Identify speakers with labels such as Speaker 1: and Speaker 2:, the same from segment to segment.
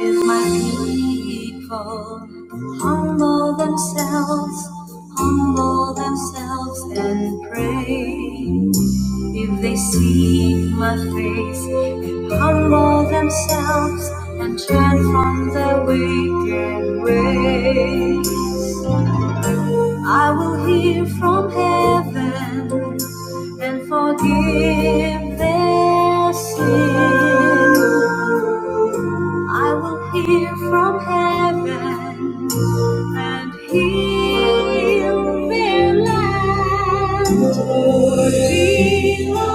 Speaker 1: If my people humble themselves, humble themselves and pray. If they seek my face and humble themselves and turn from their wicked ways. I will hear from heaven and forgive their sin. I will hear from heaven and heal their land. For heal a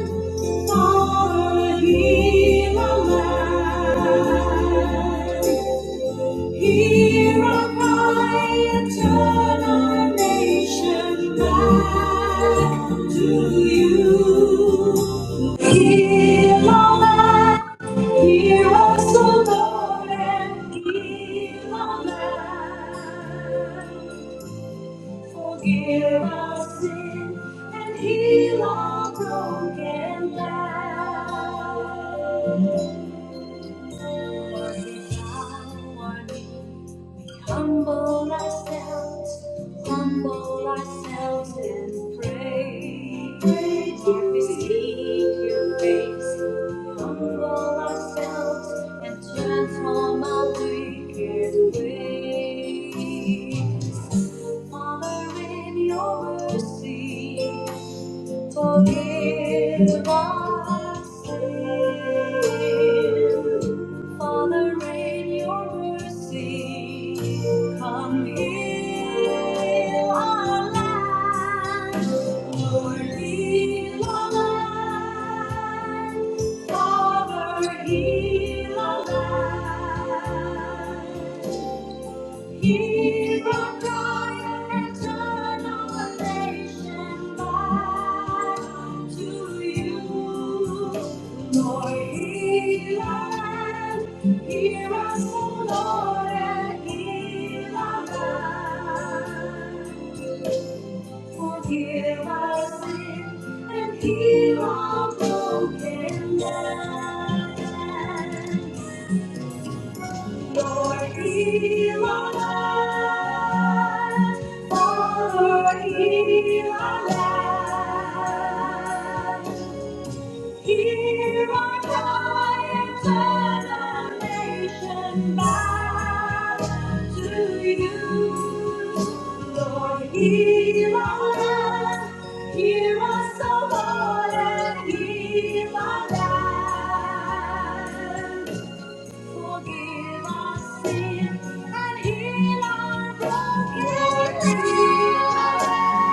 Speaker 1: land, for heal a land. Here cry and turn our nation back to you. Heal our land, hear us, O Lord, and heal our land. Forgive our sin and heal our broken land. Lord, we bow our knees Humble ourselves, humble ourselves and pray. Pray to receive your grace. Humble ourselves and transform our wicked ways. Father, in your mercy. Forgive our sin. Father, rain your mercy. Come heal our land. Lord, heal our land. Father, heal our land our and Lord. and heal our land. Forgive our sin and heal our broken land. For he alive, for he alive. Hear our cries and our nation bow to you. Lord, heal our land, hear us, O Lord, heal our land. Forgive our sin and heal our broken heart.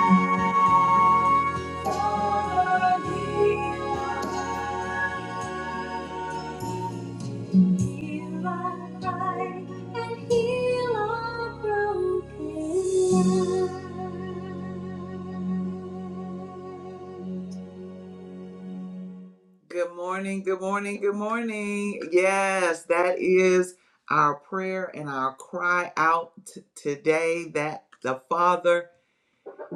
Speaker 1: Good morning, good morning, good morning. Yes, that is our prayer and our cry out t- today that the Father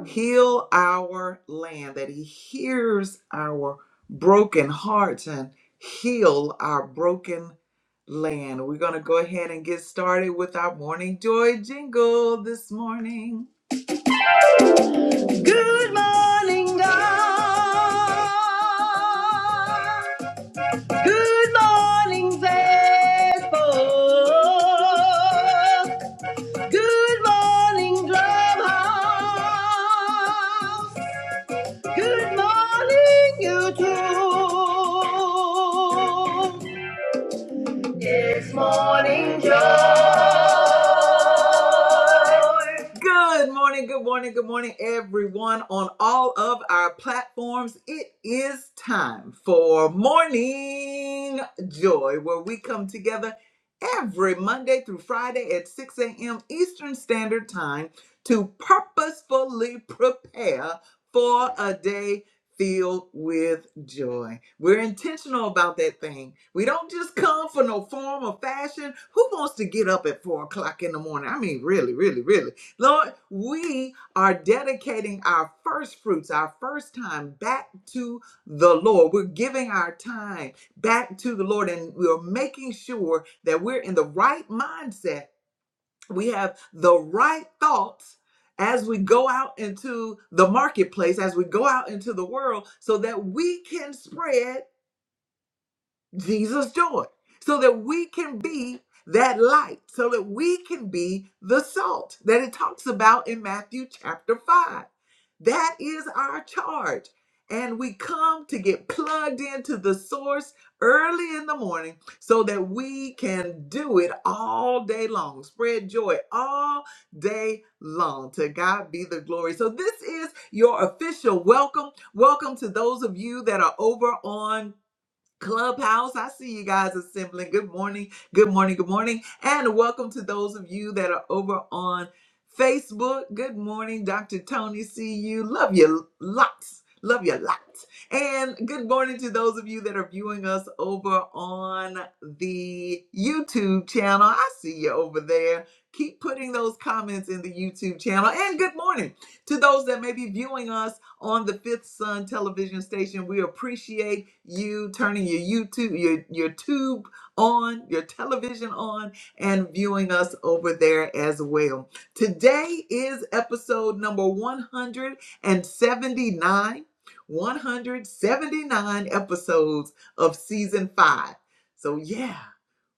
Speaker 1: heal our land, that He hears our broken hearts and heal our broken land. We're going to go ahead and get started with our morning joy jingle this morning. Good morning, God. Good morning, Facebook. Good morning, Clubhouse. Good morning, YouTube. It's morning joy. Good morning, good morning, good morning, everyone on all of our platforms. It is time for Morning Joy, where we come together every Monday through Friday at 6 a.m. Eastern Standard Time to purposefully prepare. For a day filled with joy. We're intentional about that thing. We don't just come for no form or fashion. Who wants to get up at four o'clock in the morning? I mean, really, really, really. Lord, we are dedicating our first fruits, our first time back to the Lord. We're giving our time back to the Lord and we're making sure that we're in the right mindset we have the right thoughts as we go out into the marketplace, as we go out into the world, so that we can spread. Jesus' joy, so that we can be that light, so that we can be the salt that it talks about in Matthew chapter 5. That is our charge. And we come to get plugged into the source early in the morning so that we can do it all day long, spread joy all day long. To God be the glory. So, this is your official welcome. Welcome to those of you that are over on Clubhouse, I see you guys assembling. Good morning, good morning, good morning, and welcome to those of you that are over on Facebook. Good morning, Dr. Tony. See you. Love you lots. Love you lots. And good morning to those of you that are viewing us over on the YouTube channel. I see you over there. Keep putting those comments in the YouTube channel. And good morning to those that may be viewing us on the Fifth Sun television station. We appreciate you turning your YouTube, your your tube on, your television on, and viewing us over there as well. Today is episode number 179. 179 episodes of season five. So yeah.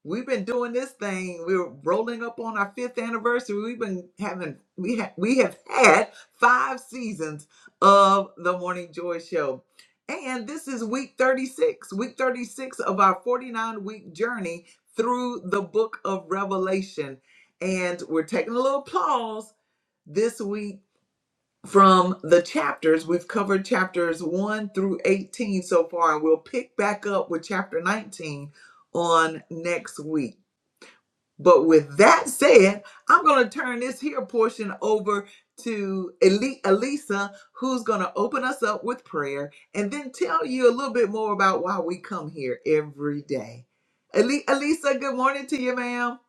Speaker 1: We've been doing this thing. We're rolling up on our fifth anniversary. We've been having we ha- we have had five seasons of the Morning Joy Show, and this is week thirty six. Week thirty six of our forty nine week journey through the Book of Revelation, and we're taking a little pause this week from the chapters. We've covered chapters one through eighteen so far, and we'll pick back up with chapter nineteen on next week. But with that said, I'm going to turn this here portion over to Eli- Elisa, who's going to open us up with prayer and then tell you a little bit more about why we come here every day. Eli- Elisa, good morning to you, ma'am.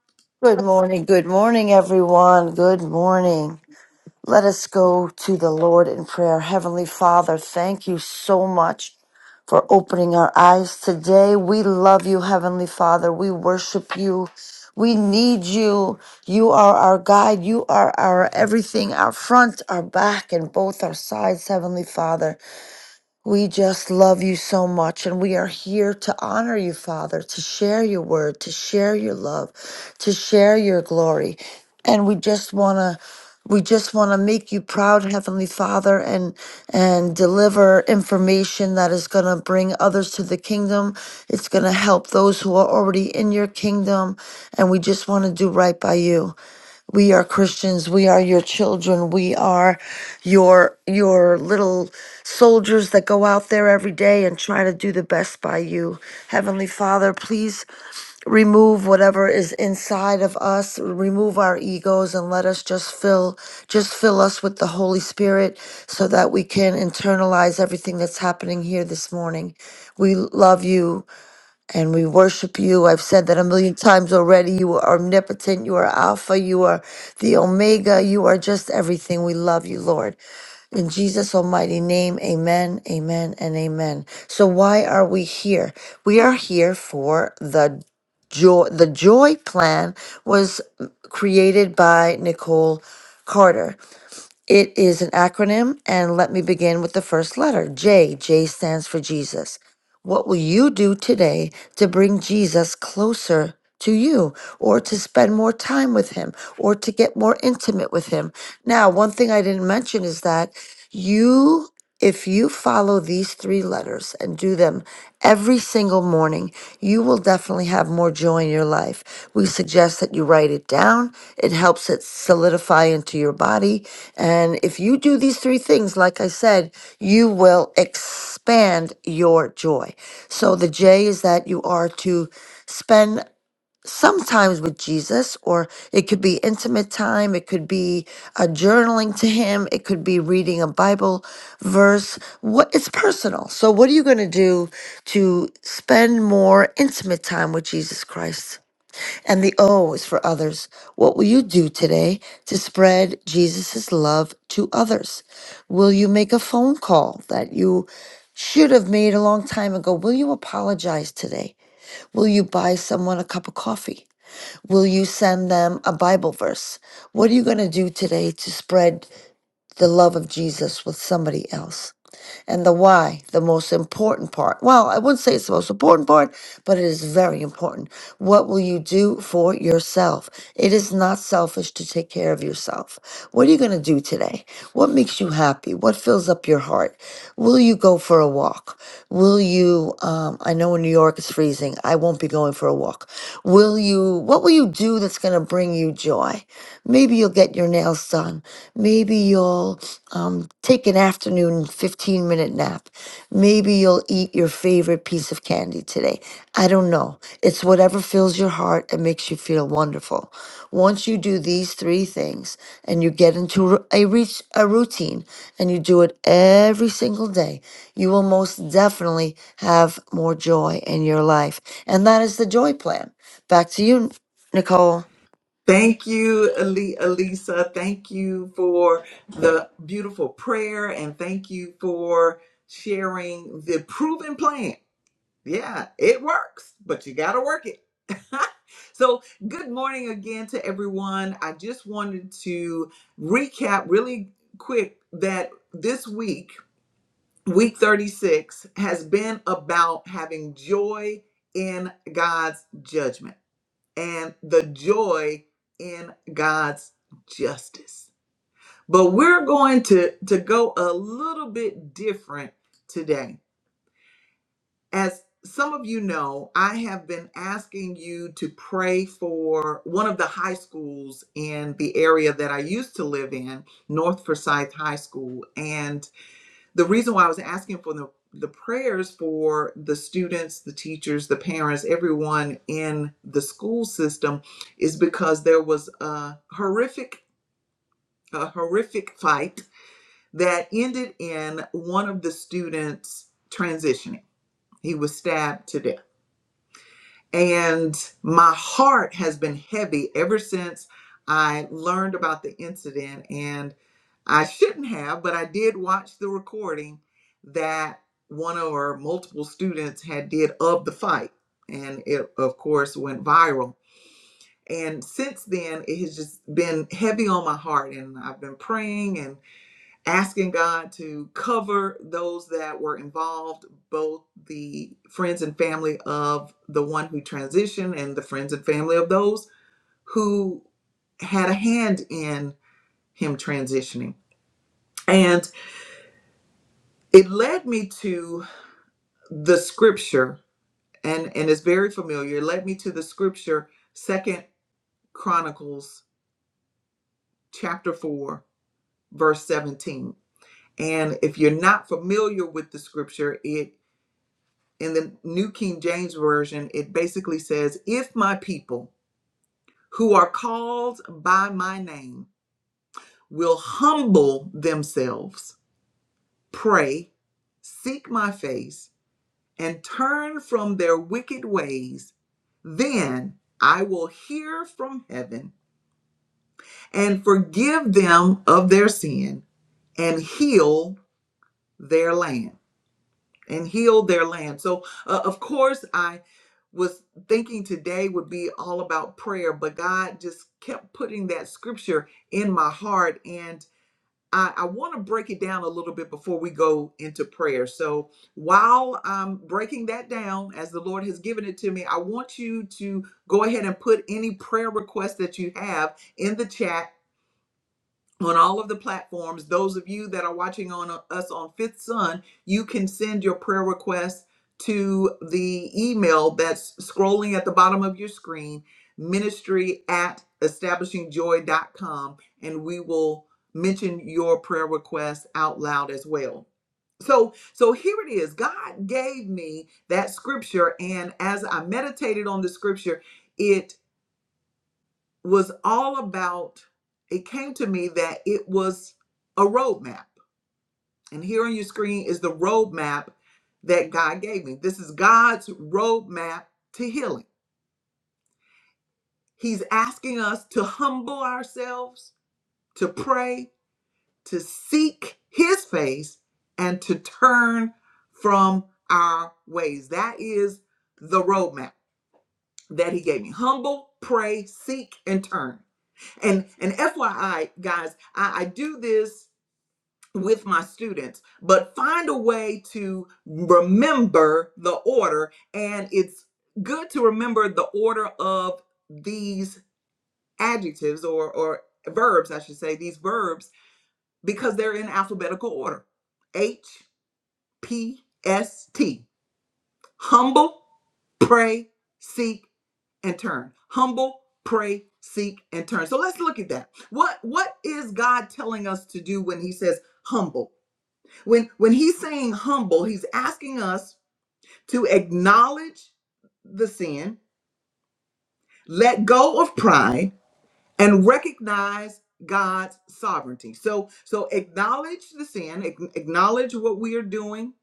Speaker 2: Good morning. Good morning, everyone. Good morning. Let us go to the Lord in prayer. Heavenly Father, thank you so much for opening our eyes today. We love you, Heavenly Father. We worship you. We need you. You are our guide. You are our everything, our front, our back, and both our sides, Heavenly Father. We just love you so much, and we are here to honor you, Father, to share your word, to share your love, to share your glory. And we just want to. We just want to make you proud, Heavenly Father, and and deliver information that is going to bring others to the kingdom. It's going to help those who are already in your kingdom, and we just want to do right by you. We are Christians. We are your children. We are your your little soldiers that go out there every day and try to do the best by you. Heavenly Father, please remove whatever is inside of us remove our egos and let us just fill just fill us with the holy spirit so that we can internalize everything that's happening here this morning we love you and we worship you. I've said that a million times already. You are omnipotent. You are Alpha. You are the Omega. You are just everything. We love you, Lord. In Jesus' almighty name, amen, amen, and amen. So, why are we here? We are here for the joy. The joy plan was created by Nicole Carter. It is an acronym, and let me begin with the first letter J. J stands for Jesus. What will you do today to bring Jesus closer to you, or to spend more time with him, or to get more intimate with him? Now, one thing I didn't mention is that you, if you follow these three letters and do them every single morning, you will definitely have more joy in your life. We suggest that you write it down, it helps it solidify into your body and if you do these three things, like I said, you will expand your joy. So the J is that you are to spend sometimes with Jesus, or it could be intimate time, it could be a journaling to Him, it could be reading a Bible verse. What it's personal. So what are you going to do to spend more intimate time with Jesus Christ? And the O is for others. What will you do today to spread Jesus' love to others? Will you make a phone call that you should have made a long time ago? Will you apologize today? Will you buy someone a cup of coffee? Will you send them a Bible verse? What are you going to do today to spread the love of Jesus with somebody else? and the why, the most important part. Well, I wouldn't say it's the most important part, but it is very important. What will you do for yourself? It is not selfish to take care of yourself. What are you going to do today? What makes you happy? What fills up your heart? Will you go for a walk? Will you, um, I know in New York it's freezing. I won't be going for a walk. Will you what will you do that's going to bring you joy maybe you'll get your nails done maybe you'll um, take an afternoon 15 minute nap maybe you'll eat your favorite piece of candy today i don't know it's whatever fills your heart and makes you feel wonderful once you do these three things and you get into ru- a reach a routine and you do it every single day you will most definitely have more joy in your life and that is the joy plan Back to you, Nicole.
Speaker 1: Thank you, Eli- Elisa. Thank you for the beautiful prayer and thank you for sharing the proven plan. Yeah, it works, but you got to work it. so, good morning again to everyone. I just wanted to recap really quick that this week, week 36, has been about having joy in God's judgment and the joy in God's justice. But we're going to, to go a little bit different today as some of you know, I have been asking you to pray for one of the high schools in the area that I used to live in, North Forsyth High School. And the reason why I was asking for the, the prayers for the students, the teachers, the parents, everyone in the school system is because there was a horrific, a horrific fight that ended in one of the students transitioning. He was stabbed to death. And my heart has been heavy ever since I learned about the incident. And I shouldn't have, but I did watch the recording that one or multiple students had did of the fight. And it, of course, went viral. And since then, it has just been heavy on my heart. And I've been praying and asking God to cover those that were involved, both the friends and family of the one who transitioned and the friends and family of those who had a hand in him transitioning. And it led me to the scripture, and, and it's very familiar. It led me to the scripture, Second Chronicles chapter 4, verse 17. And if you're not familiar with the scripture, it. in the New King James Version, it basically says, If my people who are called by my name will humble themselves, pray, seek my face, and turn from their wicked ways, then I will hear from heaven and forgive them of their sin and heal their land. and healed their land. So, uh, of course, I was thinking today would be all about prayer, but God just kept putting that scripture in my heart. And I, I want to break it down a little bit before we go into prayer. So, while I'm breaking that down as the Lord has given it to me, I want you to go ahead and put any prayer requests that you have in the chat on all of the platforms. Those of you that are watching on uh, us on Fifth Sun, you can send your prayer requests to the email that's scrolling at the bottom of your screen, ministry at establishingjoy.com, and we will mention your prayer request out loud as well. So, so here it is. God gave me that scripture, and as I meditated on the scripture, it was all about it came to me that it was a roadmap. And here on your screen is the roadmap that God gave me. This is God's roadmap to healing. He's asking us to humble ourselves, to pray, to seek His face, and to turn from our ways. That is the roadmap that He gave me. Humble, pray, seek, and turn. And and FYI, guys, I, I do this with my students, but find a way to remember the order. And it's good to remember the order of these adjectives or, or verbs, I should say, these verbs, because they're in alphabetical order H, P, S, T. Humble, pray, seek, and turn. Humble, pray, seek, and turn. So let's look at that. What, what is God telling us to do when He says humble? When when he's saying humble, he's asking us to acknowledge the sin, let go of pride, and recognize God's sovereignty. So so acknowledge the sin, ac- acknowledge what we are doing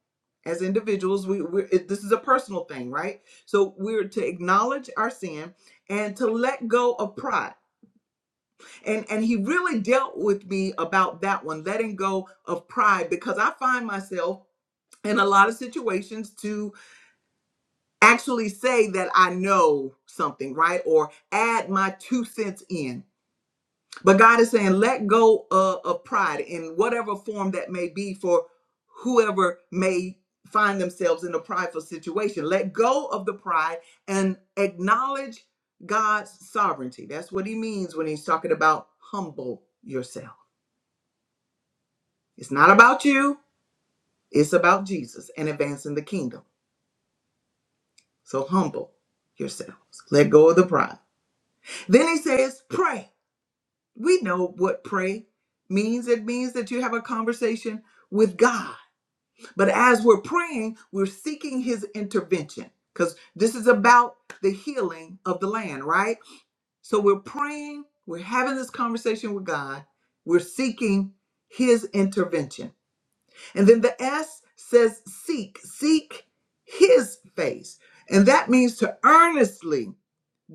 Speaker 1: as individuals. We we're, it- this is a personal thing, right? So we're to acknowledge our sin and to let go of pride. And and he really dealt with me about that one, letting go of pride, because I find myself in a lot of situations to. actually say that I know something, right? Or add my two cents in. But God is saying, let go uh, of pride in whatever form that may be for whoever may find themselves in a prideful situation. Let go of the pride and acknowledge God's sovereignty. That's what he means when he's talking about humble yourself. It's not about you, it's about Jesus and advancing the kingdom. So humble yourselves. Let go of the pride. Then he says, pray. we know what pray means. It means that you have a conversation with God. But as we're praying, we're seeking His intervention because this is about the healing of the land, right? So we're praying, we're having this conversation with God, we're seeking His intervention. And then the S says seek, seek His face. And that means to earnestly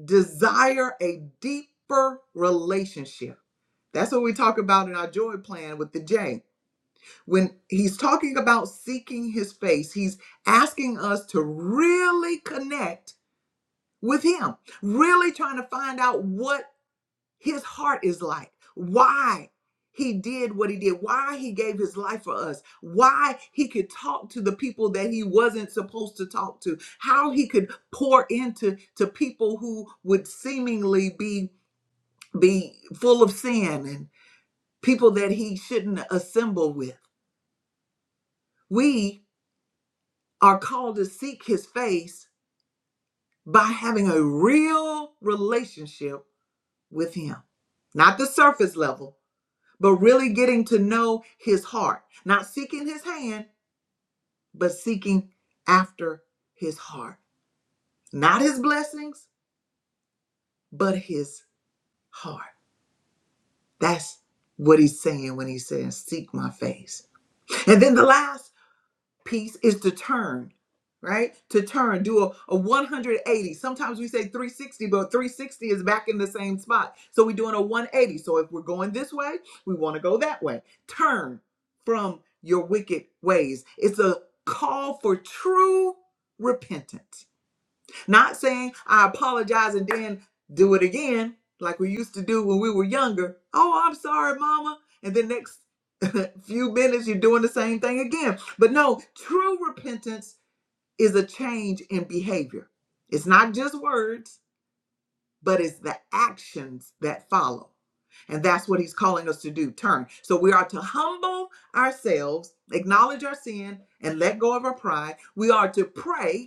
Speaker 1: desire a deeper relationship that's what we talk about in our joy plan with the J. When he's talking about seeking his face, he's asking us to really connect with him, really trying to find out what his heart is like, why he did what he did, why he gave his life for us, why he could talk to the people that he wasn't supposed to talk to, how he could pour into to people who would seemingly be be full of sin and people that he shouldn't assemble with. We are called to seek his face by having a real relationship with him, not the surface level, but really getting to know his heart, not seeking his hand, but seeking after his heart, not his blessings, but his heart. That's what he's saying when he says, Seek my face. And then the last piece is to turn, right? To turn, do a, a 180. Sometimes we say 360, but 360 is back in the same spot. So we're doing a 180. So if we're going this way, we want to go that way. Turn from your wicked ways. It's a call for true repentance not saying I apologize and then do it again like we used to do when we were younger. Oh, I'm sorry, mama. And then next few minutes you're doing the same thing again. But no, true repentance is a change in behavior. It's not just words, but it's the actions that follow. And that's what he's calling us to do turn. So we are to humble ourselves, acknowledge our sin, and let go of our pride. We are to pray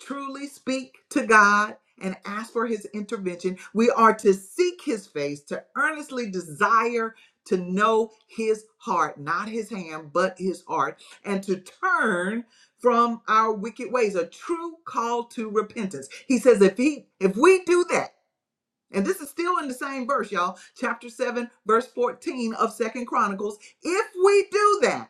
Speaker 1: truly speak to God and ask for his intervention. We are to seek his face, to earnestly desire to know his heart, not his hand, but his heart, and to turn from our wicked ways, a true call to repentance. He says if he if we do that, and this is still in the same verse, y'all, chapter 7, verse 14 of 2nd Chronicles, if we do that,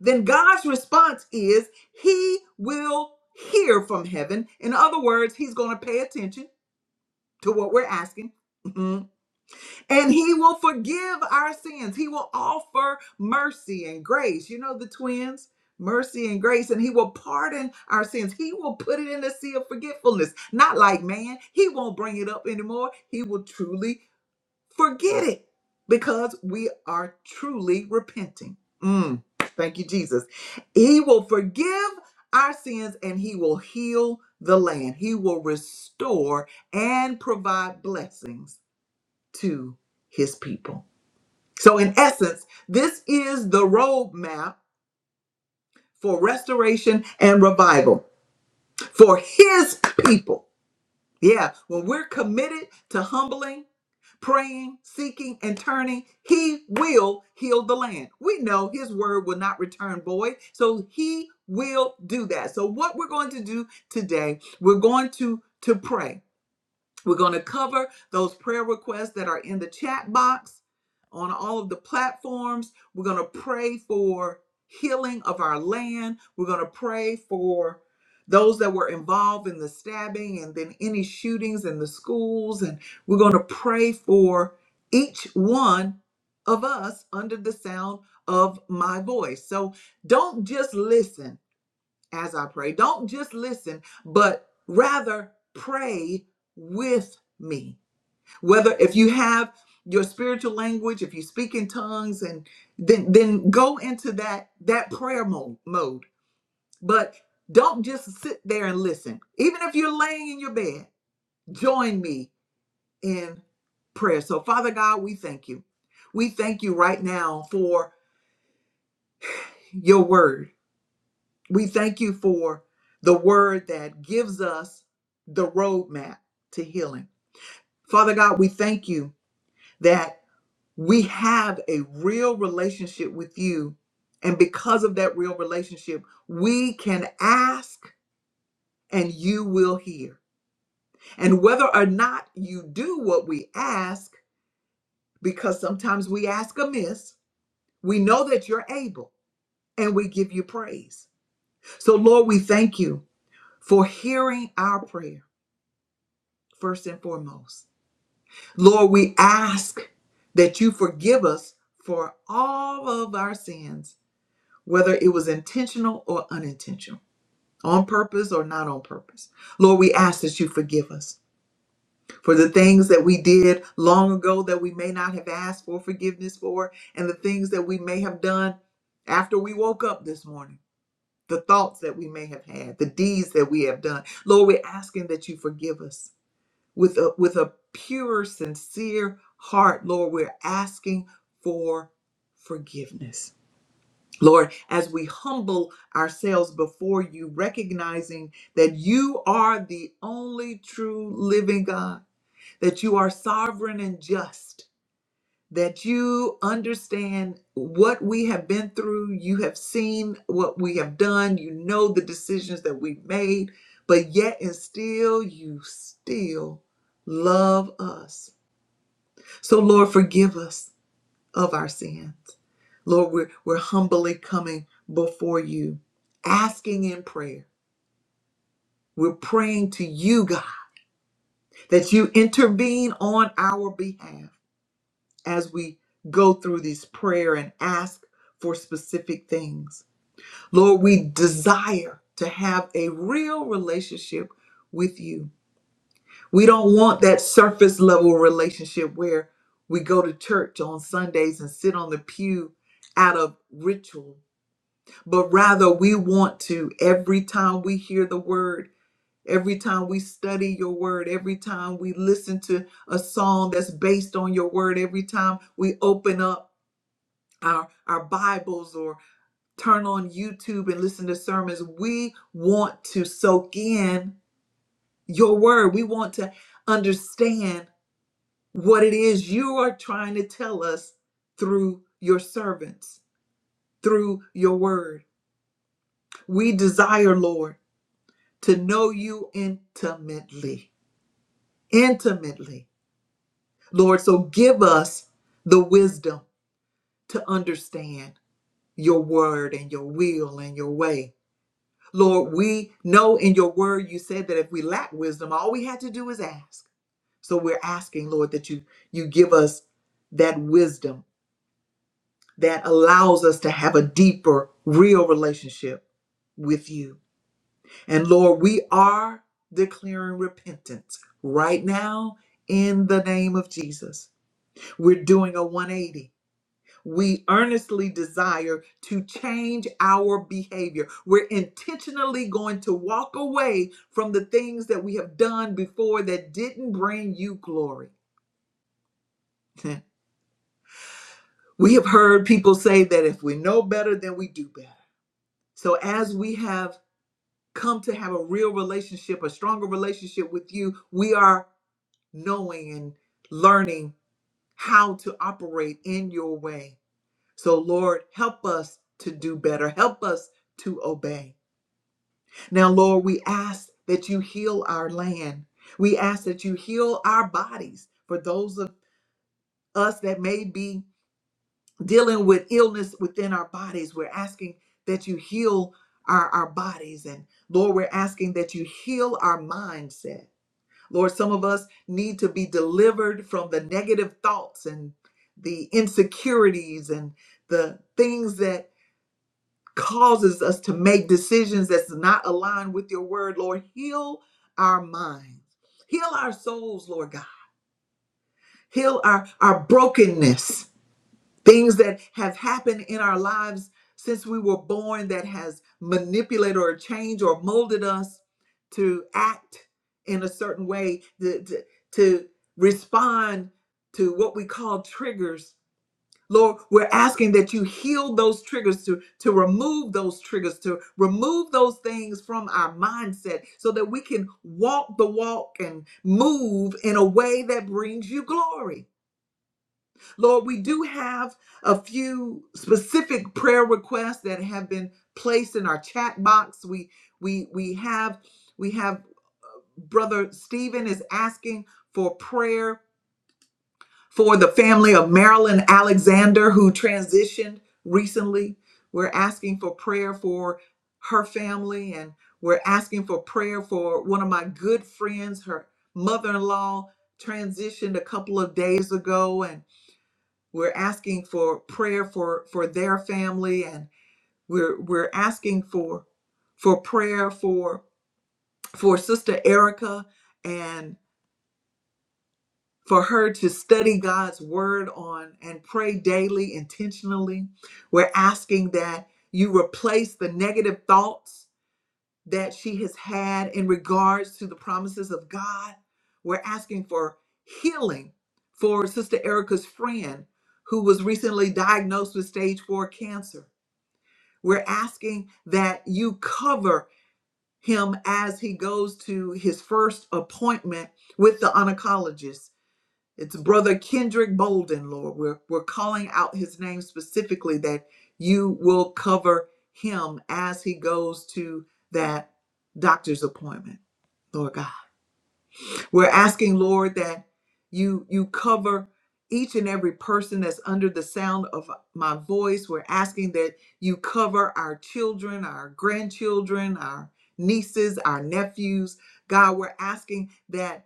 Speaker 1: then God's response is he will hear from heaven. In other words, he's going to pay attention to what we're asking. Mhm. And he will forgive our sins. He will offer mercy and grace. You know the twins, mercy and grace, and he will pardon our sins. He will put it in the sea of forgetfulness. Not like man, he won't bring it up anymore. He will truly Forget it because we are truly repenting. Mm, thank you, Jesus. He will forgive our sins and He will heal the land. He will restore and provide blessings to His people. So, in essence, this is the roadmap for restoration and revival for His people. Yeah, when we're committed to humbling praying, seeking, and turning, he will heal the land. We know his word will not return void, so he will do that. So what we're going to do today, we're going to to pray we're going to cover those prayer requests that are in the chat box on all of the platforms. We're going to pray for healing of our land. We're going to pray for those that were involved in the stabbing and then any shootings in the schools. And we're going to pray for each one of us under the sound of my voice. So don't just listen as I pray. Don't just listen, but rather pray with me. Whether if you have your spiritual language, if you speak in tongues and then then go into that that prayer mode mode. But don't just sit there and listen. Even if you're laying in your bed, join me in prayer. So Father God, we thank you. We thank you right now for your word. We thank you for the word that gives us the roadmap to healing. Father God, we thank you that we have a real relationship with you. And because of that real relationship, we can ask and you will hear. And whether or not you do what we ask, because sometimes we ask amiss, we know that you're able and we give you praise. So, Lord, we thank you for hearing our prayers. first and foremost. Lord, we ask that you forgive us for all of our sins, whether it was intentional or unintentional, on purpose or not on purpose. Lord, we ask that you forgive us for the things that we did long ago that we may not have asked for forgiveness for, and the things that we may have done after we woke up this morning. The thoughts that we may have had, the deeds that we have done. Lord, we're asking that you forgive us. with a with a pure sincere heart lord we're asking for forgiveness lord as we humble ourselves before you recognizing that you are the only true living god that you are sovereign and just that you understand what we have been through. You have seen what we have done. You know the decisions that we've made, but yet and still, you still love us. So, Lord, forgive us of our sins. Lord, we're, we're humbly coming before you, asking in prayer. We're praying to you, God, that you intervene on our behalf. as we go through these prayer and ask for specific things. Lord, we desire to have a real relationship with you. We don't want that surface level relationship where we go to church on Sundays and sit on the pew out of ritual, but rather we want to every time we hear the word, every time we study your word, every time we listen to a song that's based on your word, every time we open up our our Bibles or turn on YouTube and listen to sermons. We want to soak in your word. We want to understand what it is you are trying to tell us through your servants, through your word. We desire, Lord, to know you intimately. Intimately. Lord, so give us the wisdom to understand your word and your will and your way Lord, we know in your word you said that if we lack wisdom, all we had to do is ask. So we're asking, Lord, that you you give us that wisdom that allows us to have a deeper, real relationship with you. And Lord, we are declaring repentance right now in the name of Jesus. We're doing a 180 We earnestly desire to change our behavior. We're intentionally going to walk away from the things that we have done before that didn't bring you glory. we have heard people say that if we know better, then we do better. So as we have come to have a real relationship, a stronger relationship with you, we are knowing and learning how to operate in your way. So, Lord, help us to do better. Help us to obey. Now, Lord, we ask that you heal our land. We ask that you heal our bodies for those of us that may be dealing with illness within our bodies. We're asking that you heal our, our bodies. And Lord, we're asking that you heal our mindset. Lord, some of us need to be delivered from the negative thoughts and the insecurities and the things that causes us to make decisions that's not aligned with your word, Lord. Heal our minds, heal our souls, Lord God. Heal our, our brokenness, things that have happened in our lives since we were born that has manipulated or changed or molded us to act in a certain way, to, to, to respond to what we call triggers Lord, we're asking that you heal those triggers to, to remove those triggers, to remove those things from our mindset so that we can walk the walk and move in a way that brings you glory. Lord, we do have a few specific prayer requests that have been placed in our chat box. We we we have we have uh, brother Stephen is asking for prayer for the family of Marilyn Alexander, who transitioned recently. We're asking for prayer for her family, and we're asking for prayer for one of my good friends. Her mother in law transitioned a couple of days ago, and we're asking for prayer for, for their family, and we're, we're asking for, for prayer for, for Sister Erica and. for her to study God's word on and pray daily intentionally. We're asking that you replace the negative thoughts that she has had in regards to the promises of God. We're asking for healing for Sister Erica's friend who was recently diagnosed with stage four cancer. We're asking that you cover him as he goes to his first appointment with the oncologist it's Brother Kendrick Bolden, Lord. We're, we're calling out his name specifically that you will cover him as he goes to that doctor's appointment, Lord God. We're asking, Lord, that you you cover each and every person that's under the sound of my voice. We're asking that you cover our children, our grandchildren, our nieces, our nephews. God, we're asking that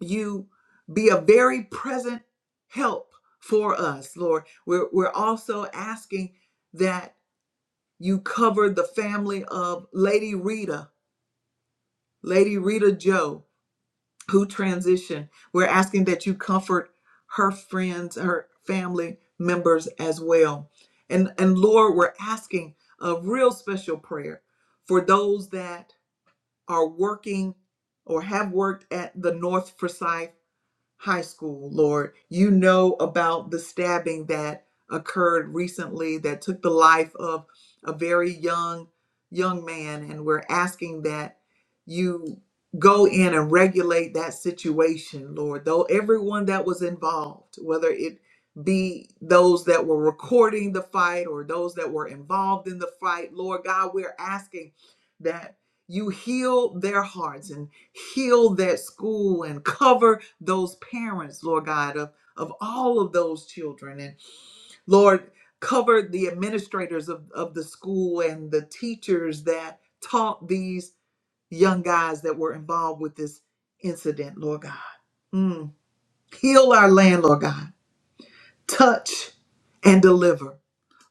Speaker 1: you be a very present help for us, Lord. We're, we're also asking that you cover the family of Lady Rita, Lady Rita Joe, who transitioned. We're asking that you comfort her friends, her family members as well. And, and Lord, we're asking a real special prayer for those that are working or have worked at the North Forsyth high school, Lord. You know about the stabbing that occurred recently that took the life of a very young young man and we're asking that you go in and regulate that situation, Lord. Though everyone that was involved, whether it be those that were recording the fight or those that were involved in the fight, Lord God, we're asking that you heal their hearts and heal that school and cover those parents, Lord God, of, of all of those children. And Lord, cover the administrators of, of the school and the teachers that taught these young guys that were involved with this incident, Lord God. Mm. Heal our land, Lord God. Touch and deliver.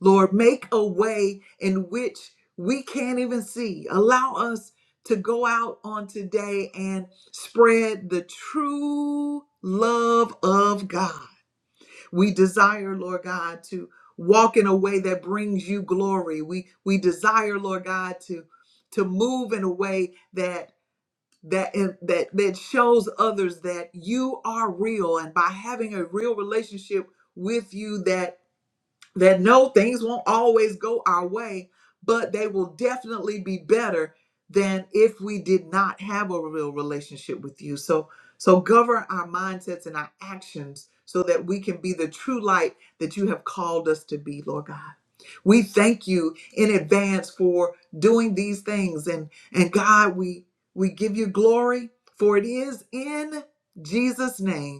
Speaker 1: Lord, make a way in which we can't even see. Allow us to go out on today and spread the true love of God We desire, Lord God, to walk in a way that brings you glory. We we desire, Lord God, to to move in a way that that that that shows others that you are real and by having a real relationship with you that that no, things won't always go our way, but they will definitely be better than if we did not have a real relationship with you. So, so govern our mindsets and our actions so that we can be the true light that you have called us to be, Lord God. We thank you in advance for doing these things and and God, we we give you glory for it is in Jesus name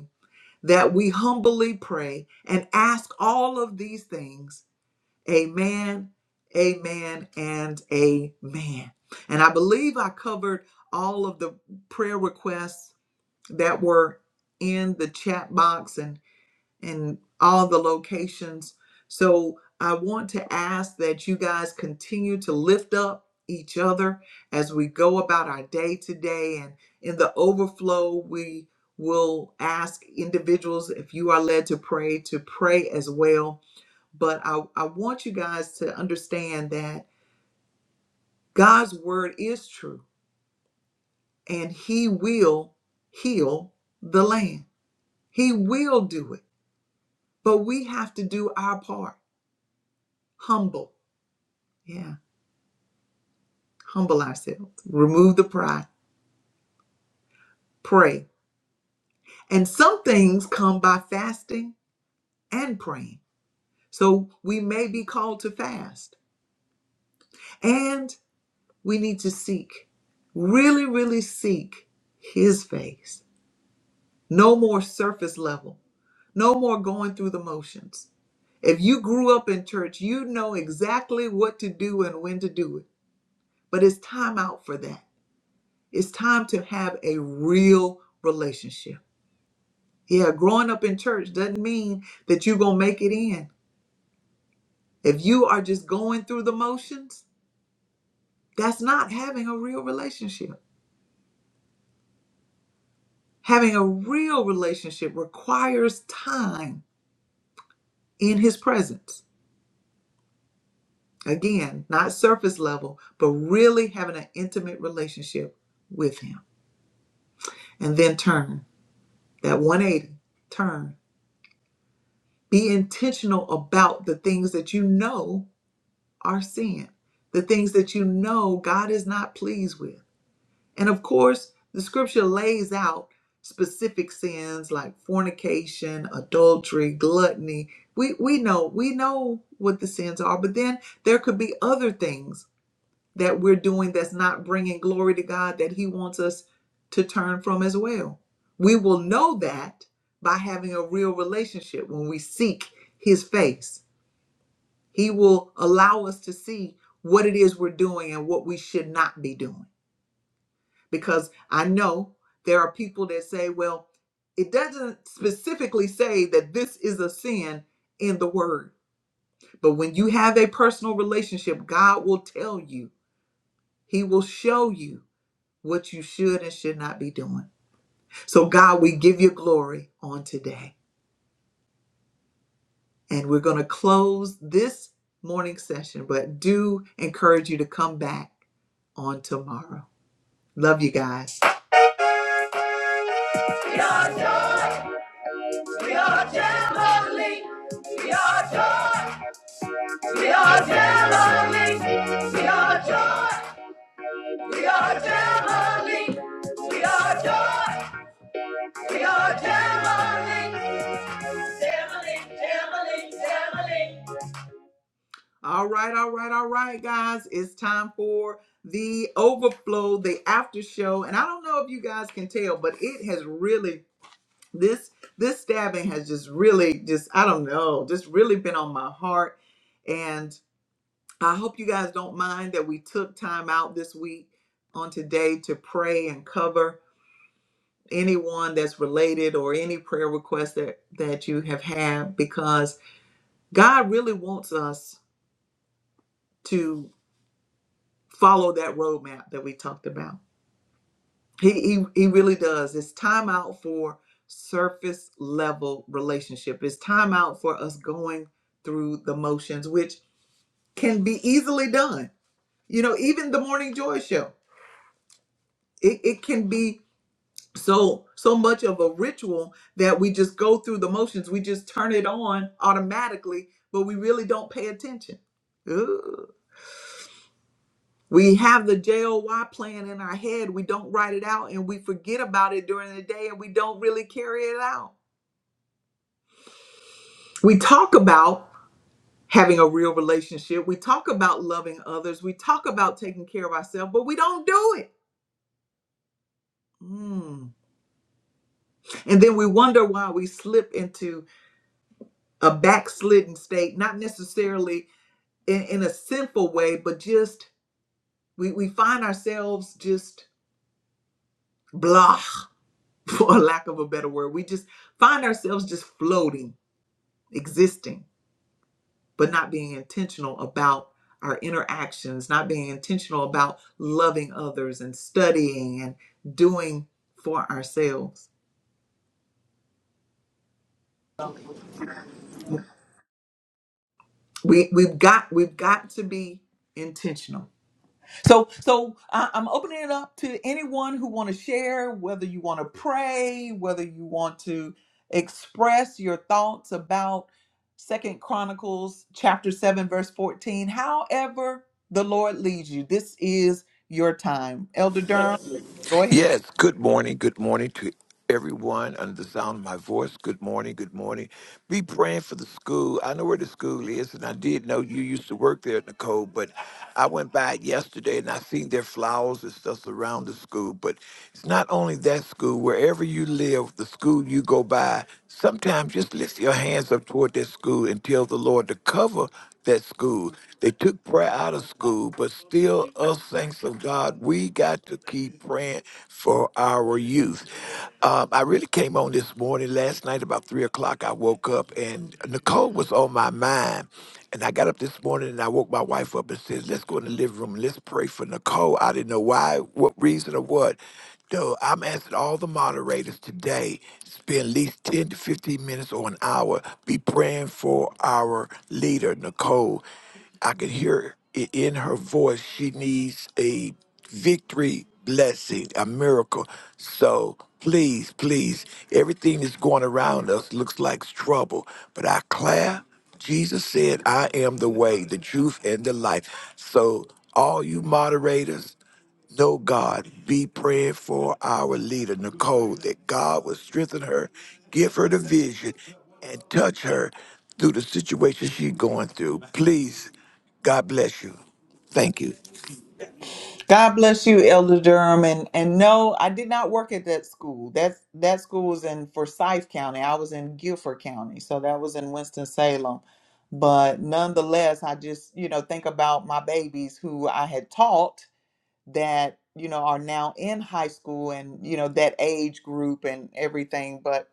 Speaker 1: that we humbly pray and ask all of these things. Amen, amen, and amen. And I believe I covered all of the prayer requests that were in the chat box. and. In all the locations. So I want to ask that you guys continue to lift up each other as we go about our day today. And in the overflow, we will ask individuals if you are led to pray to pray as well. But I, I want you guys to understand that God's word is true and He will heal the land. He will do it. But we have to do our part humble Yeah. Humble ourselves. Remove the pride. Pray. And some things come by fasting and praying. So we may be called to fast. And we need to seek, really, really seek His face. No more surface level. No more going through the motions. If you grew up in church, you know exactly what to do and when to do it. But it's time out for that. It's time to have a real relationship. Yeah, growing up in church doesn't mean that you're going to make it in. If you are just going through the motions, that's not having a real relationship. Having a real relationship requires time in His presence. Again, not surface level, but really having an intimate relationship with Him. And then turn that 180, turn. Be intentional about the things that you know are sin, the things that you know God is not pleased with And of course, the scripture lays out specific sins like fornication, adultery, gluttony. We we know we know what the sins are, but then there could be other things that we're doing that's not bringing glory to God that he wants us to turn from as well. We will know that by having a real relationship when we seek his face. He will allow us to see what it is we're doing and what we should not be doing because I know there are people that say, well, it doesn't specifically say that this is a sin in the word. But when you have a personal relationship, God will tell you, He will show you what you should and should not be doing. So, God, we give you glory on today. And we're going to close this morning session, but do encourage you to come back on tomorrow. Love you guys. We are Jamboree. We are joy. We are Jamboree. We are joy. We are Jamboree. We are joy. We are Jamboree. Jamboree, Jamboree, Jamboree. All right, all right, all right, guys. It's time for the overflow, the after show. And I don't know if you guys can tell, but it has really this this stabbing has just really just i don't know just really been on my heart and i hope you guys don't mind that we took time out this week on today to pray and cover anyone that's related or any prayer request that that you have had because god really wants us to follow that roadmap that we talked about He, he he really does. It's time out for surface level relationship. It's time out for us going through the motions, which can be easily done. You know, even the morning joy show, it, it can be so so much of a ritual that we just go through the motions. We just turn it on automatically, but we really don't pay attention. Ooh. We have the JOY plan in our head. We don't write it out and we forget about it during the day and we don't really carry it out we talk about having a real relationship. We talk about loving others. We talk about taking care of ourselves, but we don't do it. Mm. And then we wonder why we slip into a backslidden state, not necessarily in, in a sinful way, but just we, we find ourselves just blah, for lack of a better word. We just find ourselves just floating, existing. but not being intentional about our interactions, not being intentional about loving others and studying and doing for ourselves. We we've got we've got to be intentional So, so I, I'm opening it up to anyone who want to share, whether you want to pray, whether you want to express your thoughts about Second Chronicles chapter seven, verse fourteen. However, the Lord leads you. This is your time, Elder Durham. Go ahead.
Speaker 3: Yes, good morning. Good morning to everyone under the sound of my voice. Good morning. Good morning. Be praying for the school. I know where the school is, and I did know you used to work there, Nicole, but I went by yesterday and I seen their flowers and stuff around the school. But it's not only that school, wherever you live, the school you go by, sometimes just lift your hands up toward that school and tell the Lord to cover that school. They took prayer out of school, but still, us saints of God, we got to keep praying for our youth. Um, I really came on this morning, last night, about three o'clock. I woke up and Nicole was on my mind. And I got up this morning and I woke my wife up and said, Let's go in the living room. and Let's pray for Nicole. I didn't know why, what reason or what. So I'm asking all the moderators today, spend at least 10 to 15 minutes or an hour, be praying for our leader, Nicole. I can hear it in her voice. She needs a victory blessing, a miracle. So please, please, everything that's going around us looks like trouble. But I declare, Jesus said, I am the way, the truth, and the life. So all you moderators, no, God, be praying for our leader, Nicole, that God will strengthen her, give her the vision, and touch her through the situation she's going through. Please, God bless you. Thank you.
Speaker 1: God bless you, Elder Durham. And and no, I did not work at that school. That's that school was in Forsyth County. I was in Guilford County. So that was in Winston Salem. But nonetheless, I just, you know, think about my babies who I had taught that, you know, are now in high school and, you know, that age group and everything. But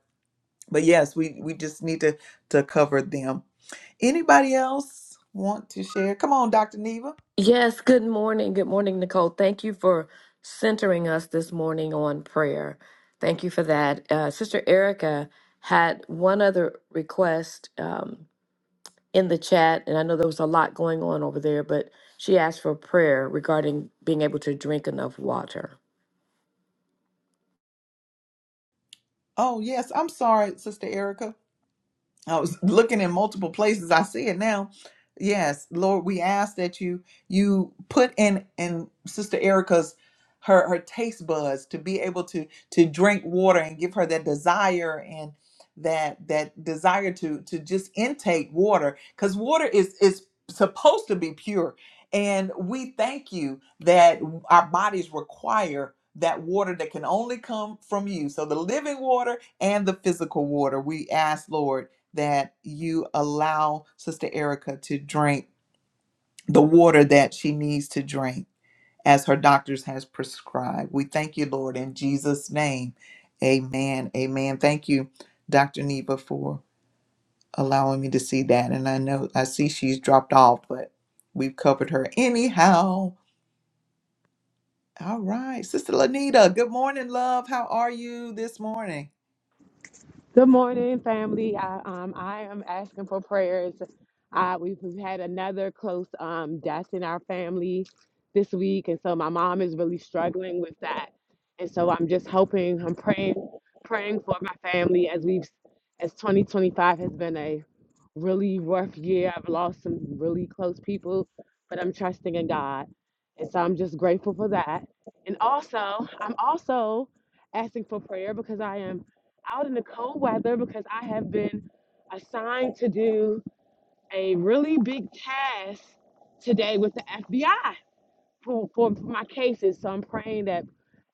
Speaker 1: but yes, we, we just need to to cover them. Anybody else want to share? Come on, Dr. Neva.
Speaker 4: Yes, good morning. Good morning, Nicole. Thank you for centering us this morning on prayer. Thank you for that. Uh, Sister Erica had one other request um, in the chat, and I know there was a lot going on over there, but she asked for prayer regarding being able to drink enough water.
Speaker 1: Oh yes, I'm sorry, Sister Erica. I was looking in multiple places. I see it now. Yes, Lord, we ask that you you put in in Sister Erica's her her taste buds to be able to to drink water and give her that desire and that that desire to to just intake water because water is is supposed to be pure and we thank you that our bodies require that water that can only come from you so the living water and the physical water we ask lord that you allow Sister Erica to drink the water that she needs to drink as her doctors has prescribed. We thank you, Lord, in Jesus' name. Amen. Amen. Thank you, Dr. Neva, for allowing me to see that. And I know I see she's dropped off, but we've covered her anyhow. All right. Sister Lanita, good morning, love. How are you this morning?
Speaker 5: Good morning, family. I, um, I am asking for prayers. Uh, we've, we've had another close um, death in our family this week, and so my mom is really struggling with that. And so I'm just hoping, I'm praying, praying for my family as we've, as 2025 has been a really rough year. I've lost some really close people, but I'm trusting in God. And so I'm just grateful for that. And also, I'm also asking for prayer because I am out in the cold weather because I have been assigned to do a really big task today with the FBI for, for my cases. So I'm praying that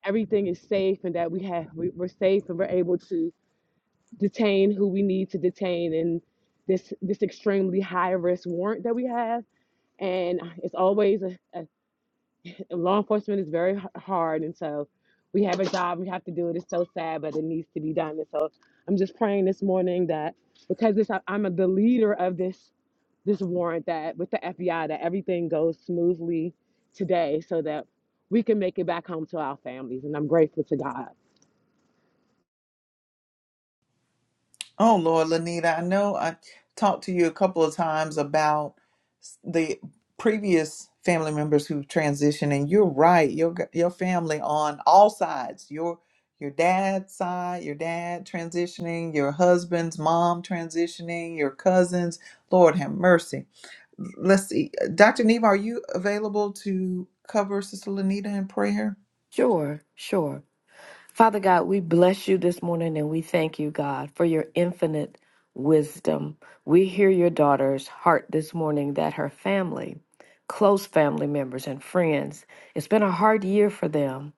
Speaker 5: everything is safe and that we have we, we're safe and we're able to detain who we need to detain in this this extremely high risk warrant that we have. And it's always a, a- a law enforcement is very h- hard, and so we have a job. We have to do it. It's so sad, but it needs to be done. And so I'm just praying this morning that because this I- I'm a, the leader of this this warrant that with the FBI that everything goes smoothly today, so that we can make it back home to our families. And I'm grateful to God.
Speaker 1: Oh, Lord, Lanita, I know I talked to you a couple of times about s- the previous family members who transitioned, and you're right. Your g- your family on all sides your your dad's side, your dad transitioning, your husband's mom transitioning, your cousins. Lord have mercy. Let's see, Dr. Neva, are you available to cover Sister Lanita in prayer?
Speaker 4: Sure, sure. Father God, we bless you this morning and we thank you, God, for your infinite wisdom. We hear your daughter's heart this morning that her family, close family members and friends, it's been a hard year for them,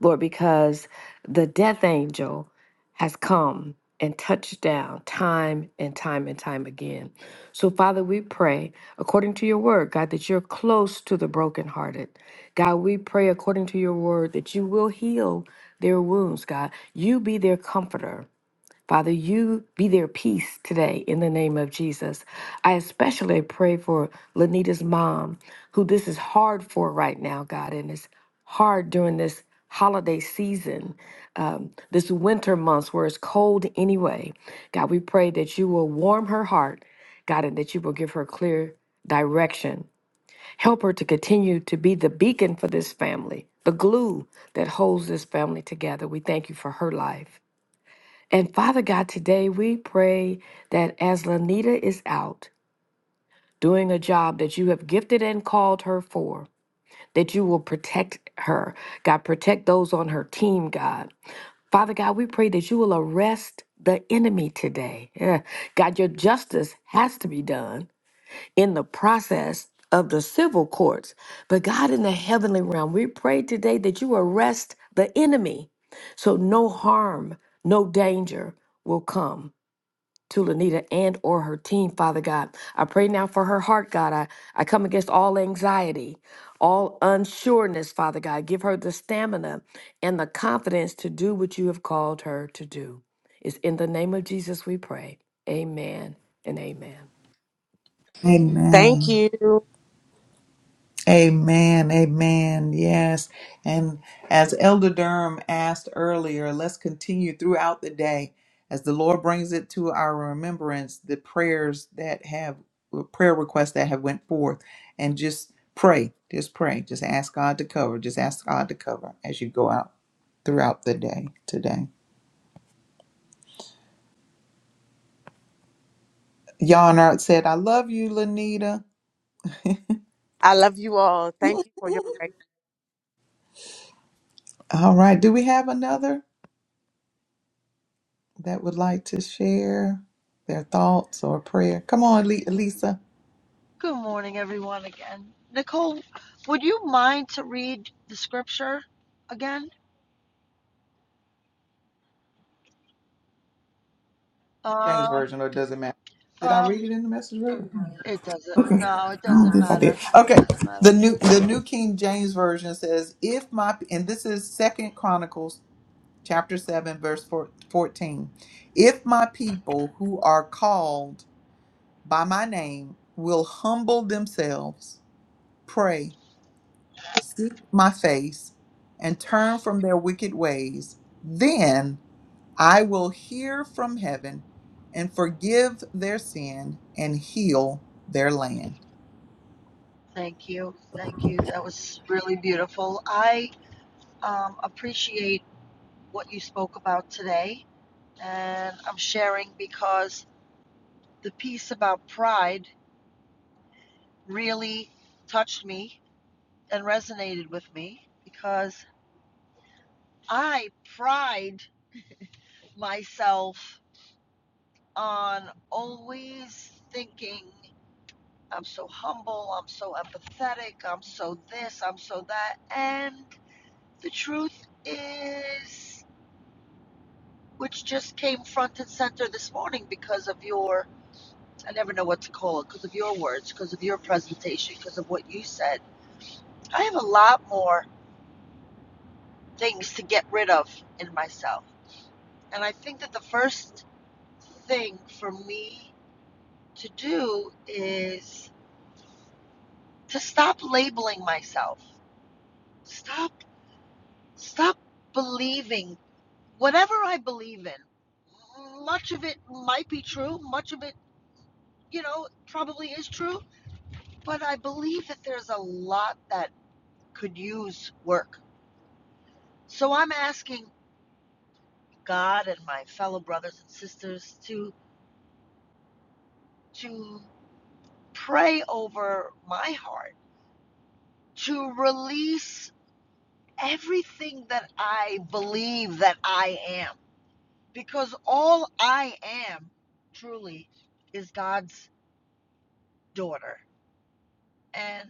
Speaker 4: Lord, because the death angel has come and touched down time and time and time again. So, Father, we pray according to your word, God, that you're close to the brokenhearted. God, we pray according to your word that you will heal their wounds, God. You be their comforter. Father, you be their peace today in the name of Jesus. I especially pray for Lanita's mom, who this is hard for right now, God, and it's hard during this holiday season, um, this winter months where it's cold anyway. God, we pray that you will warm her heart, God, and that you will give her clear direction. Help her to continue to be the beacon for this family, the glue that holds this family together. We thank you for her life. And Father God, today we pray that as Lanita is out doing a job that you have gifted and called her for, that you will protect her. God, protect those on her team, God. Father God, we pray that you will arrest the enemy today. Yeah. God, your justice has to be done in the process of the civil courts. But God, in the heavenly realm, we pray today that you arrest the enemy so no harm, no danger will come to Lanita and or her team, Father God. I pray now for her heart, God. I, I come against all anxiety, all unsureness, Father God. Give her the stamina and the confidence to do what you have called her to do. It's in the name of Jesus we pray. Amen and amen.
Speaker 5: Thank
Speaker 1: Amen.
Speaker 5: you.
Speaker 1: Amen. Amen. Yes. And as Elder Durham asked earlier, let's continue throughout the day as the Lord brings it to our remembrance the prayers that have prayer requests that have went forth and just pray. Just pray. Just ask God to cover. Just ask God to cover as you go out throughout the day today. Yarnart said, I love you, Lanita.
Speaker 5: I love you all. Thank you for your prayers.
Speaker 1: All right. Do we have another? that would like to share their thoughts or prayer? Come on, Le- Lisa.
Speaker 2: Good morning, everyone, again. Nicole, would you mind to read the scripture again? Uh,
Speaker 1: James Version, or it doesn't matter. Did I read it in the message? Version?
Speaker 2: it doesn't.
Speaker 1: Okay.
Speaker 2: No, it
Speaker 1: I don't
Speaker 2: doesn't
Speaker 1: think I did.
Speaker 2: matter. It
Speaker 1: Okay.
Speaker 2: doesn't
Speaker 1: The
Speaker 2: matter.
Speaker 1: new the New King James Version says, if my and this is Second Chronicles chapter seven, verse four fourteen, If my people who are called by my name will humble themselves, pray, seek my face, and turn from their wicked ways, I will hear from heaven and forgive their sin and heal their land.
Speaker 2: Thank you. Thank you. That was really beautiful. I um, appreciate what you spoke about today, and I'm sharing because the piece about pride really touched me and resonated with me because I pride myself on always thinking I'm so humble, I'm so empathetic, I'm so this, I'm so that. And the truth is, which just came front and center this morning because of your, I never know what to call it, because of your words, because of your presentation, because of what you said. I have a lot more things to get rid of in myself. And I think that the first thing for me to do is to stop labeling myself Stop, stop believing whatever I believe in. Much of it might be true, much of it, you know, probably is true, but I believe that there's a lot that could use work. So I'm asking God and my fellow brothers and sisters to to pray over my heart, to release everything that I believe that I am. because all I am truly is God's daughter. And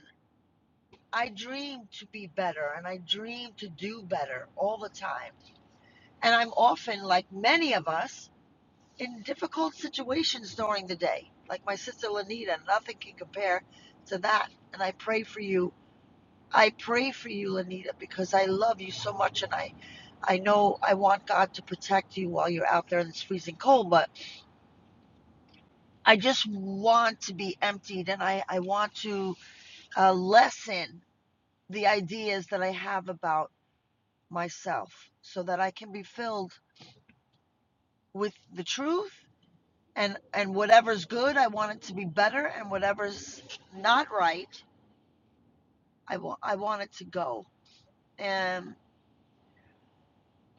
Speaker 2: I dream to be better and I dream to do better all the time. And I'm often, like many of us, in difficult situations during the day, like my sister Lanita. Nothing can compare to that. And I pray for you. I pray for you, Lanita, because I love you so much and I. I know I want God to protect you while you're out there in this freezing cold, but I just want to be emptied and I, I want to uh, lessen the ideas that I have about myself so that I can be filled with the truth and, and whatever's good, I want it to be better and whatever's not right, I want, I want it to go. And,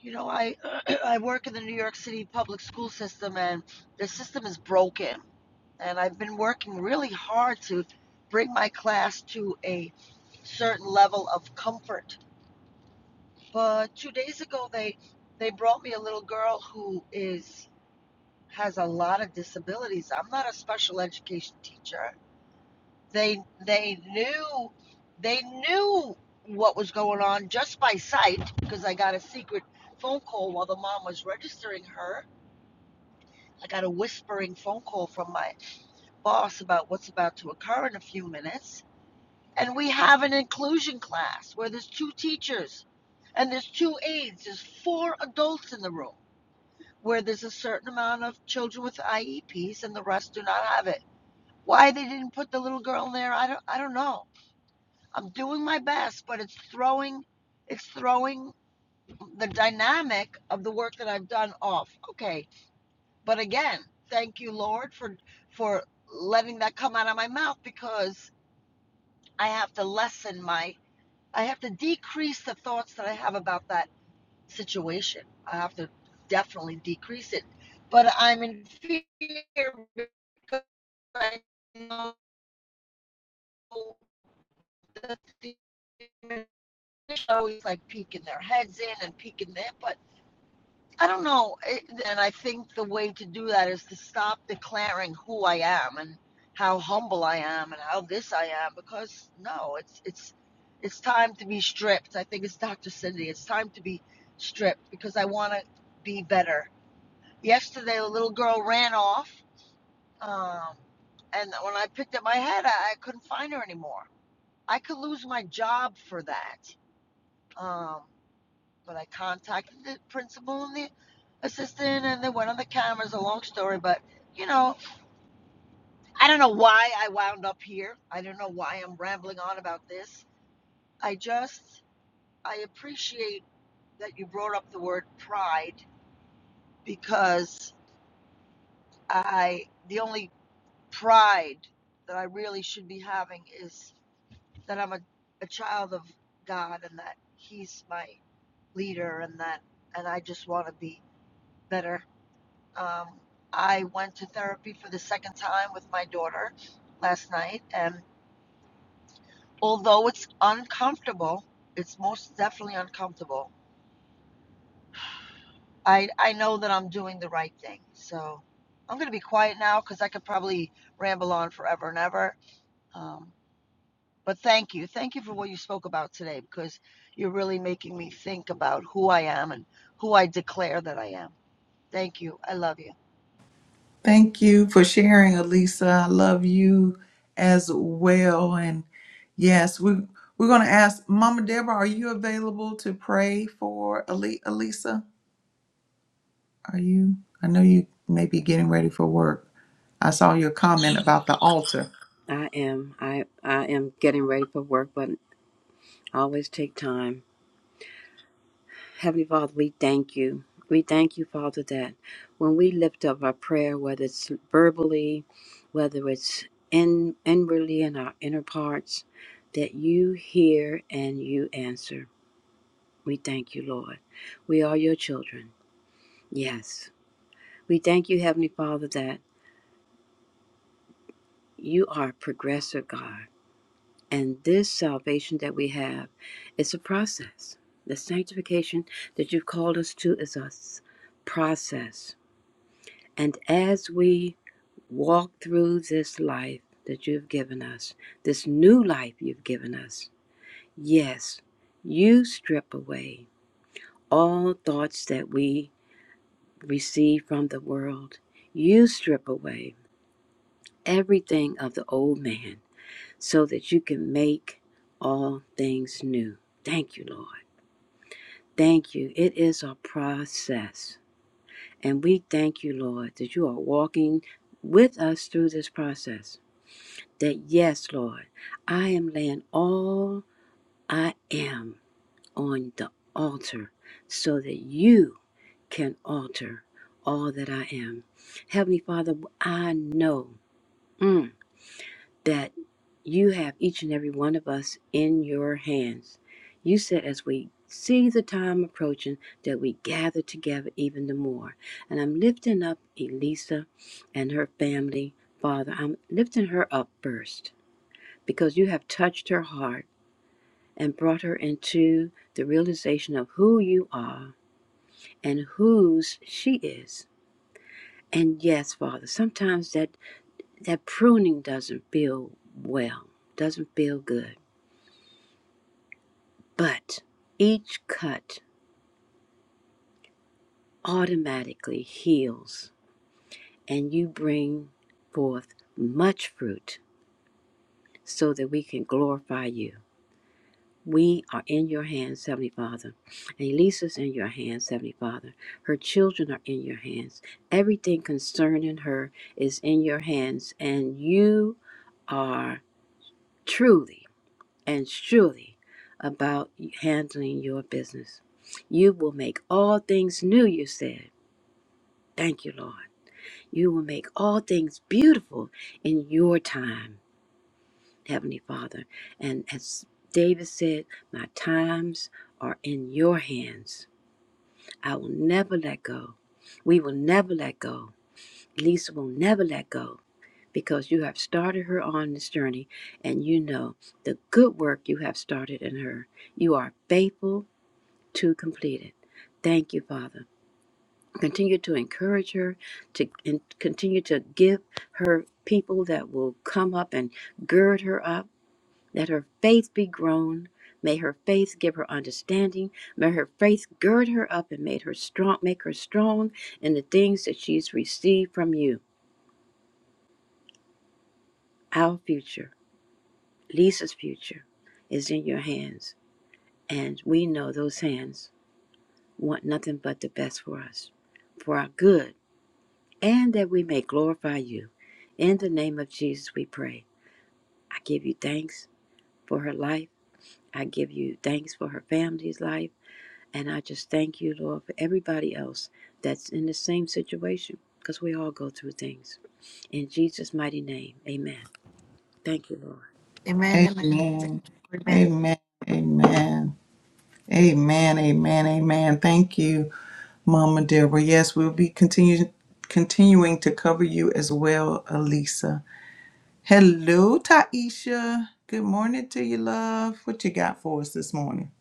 Speaker 2: you know, I, I work in the New York City public school system and the system is broken. And I've been working really hard to bring my class to a certain level of comfort. But two days ago, they they brought me a little girl who is Hattie's Amish teacher. They they knew they knew what was going on just by sight because I got a secret phone call while the mom was registering her. I got a whispering phone call from my boss about what's about to occur in a few minutes. And we have an inclusion class where there's two teachers and there's two aides. There's four adults in the room. where there's a certain amount of children with IEPs and the rest do not have it. Why they didn't put the little girl in there, I don't I don't know. I'm doing my best, but it's throwing it's throwing the dynamic of the work that I've done off. Okay. But again, thank you Lord for for letting that come out of my mouth because I have to lessen my I have to decrease the thoughts that I have about that situation. I have to definitely decrease it. But I'm in fear because I know that the always like peeking their heads in and peeking there. But I don't know. and I think the way to do that is to stop declaring who I am and how humble I am and how this I am. Because no, it's it's it's time to be stripped. I think it's Dr. Cindy. It's time to be stripped because I want to be better yesterday the little girl ran off um, and when i picked up my head I, I couldn't find her anymore i could lose my job for that um, but i contacted the principal and the assistant and they went on the cameras a long story but you know i don't know why i wound up here i don't know why i'm rambling on about this i just i appreciate that you brought up the word pride because i the only pride that I really should be having is that I'm a, a child of God and that He's my leader and that and I just want to be better. Um, I went to therapy for the second time with my daughter last night, and although it's uncomfortable, it's most definitely uncomfortable. I I know that I'm doing the right thing, so I'm gonna be quiet now because I could probably ramble on forever and ever. Um, But thank you. Thank you for what you spoke about today because you're really making me think about who I am and who I declare that I am. Thank
Speaker 1: Thank you for sharing, Elisa. I love you as well. And yes, we we're going to ask Mama Deborah, are you available to pray for Ali- Elisa? Are you? I know you may be getting ready for work. I saw your comment about the altar.
Speaker 6: I am. I I am getting ready for work, but I always take time. Heavenly Father, we thank you. We thank you, Father, that when we lift up our prayer, whether it's verbally, whether it's in inwardly in our inner parts, that you hear and you answer. We thank you, Lord. We are your children. Yes. We thank you, Heavenly Father, that you are a progressive God. And this salvation that we have is a process. The sanctification that you've called us to is a process. And as we walk through this life that you've given us, this new life you've given us, yes, you strip away all thoughts that we receive from the world. You strip away everything of the old man so that you can make all things new. Thank you, Lord. Thank you. It is a process. And we thank you, Lord, that you are walking with us through this process. That, yes, Lord, I am laying all I am on the altar so that you can alter all that I am. Heavenly Father, I know. mm, that you have each and every one of us in your hands. You said, as we see the time approaching, that we gather together even the more. And I'm lifting up Elisa and her family, Father. I'm lifting her up first because you have touched her heart and brought her into the realization of who you are and whose she is. And yes, Father, sometimes that, that pruning doesn't feel well, doesn't feel good. But each cut automatically heals, and you bring forth much fruit so that we can glorify you. We are in your hands, Heavenly Father. And Lisa's in your hands, Heavenly Father. Her children are in your hands. Everything concerning her is in your hands, and you are truly and surely about handling your business. You will make all things new, you said. Thank you, Lord. You will make all things beautiful in your time, Heavenly Father. And as David said, My times are in your hands. I will never let go. We will never let go. Lisa will never let go because you have started her on this journey and you know the good work you have started in her. You are faithful to complete it. Thank you, Father. continue to encourage her to and continue to give her people that will come up and gird her up let her faith be grown may her faith give her understanding may her faith gird her up and make her strong make her strong in the things that she's received from you our future lisa's future is in your hands and we know those hands want nothing but the best for us for our good and that we may glorify you. In the name of Jesus, we pray. I give you thanks for her life. I give you thanks for her family's life. And I just thank you, Lord, for everybody else that's in the same situation because we all go through things. In Jesus' mighty name, amen. Thank you, Lord.
Speaker 1: Amen. Amen. Amen. Amen. Amen. Amen. Thank you. Mama Deborah. Yes, we'll be continue, continuing to cover you as well, Elisa. Hello, Taisha. Good morning to you, love. What you got for us this morning?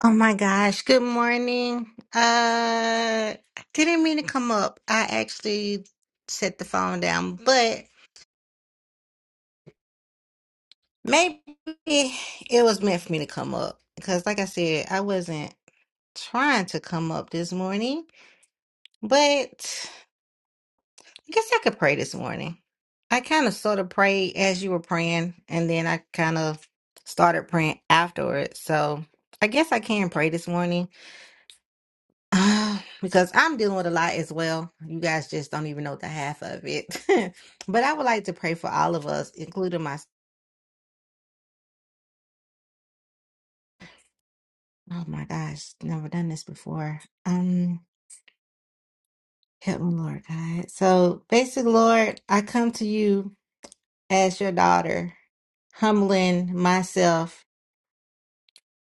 Speaker 7: Oh my gosh. Good morning. Uh, I didn't mean to come up. I actually set the phone down, but maybe it was meant for me to come up because, like I said, I wasn't trying to come up this morning, but I guess I could pray this morning. I kind of sort of prayed as you were praying, and then I kind of started praying afterwards. So I guess I can pray this morning. Um, because I'm dealing with a lot as well. You guys just don't even know the half of it. but I would like to pray for all of us, including my. Oh my gosh, never done this before. Um, help me, Lord God. So, basically, Lord, I come to you as your daughter, humbling myself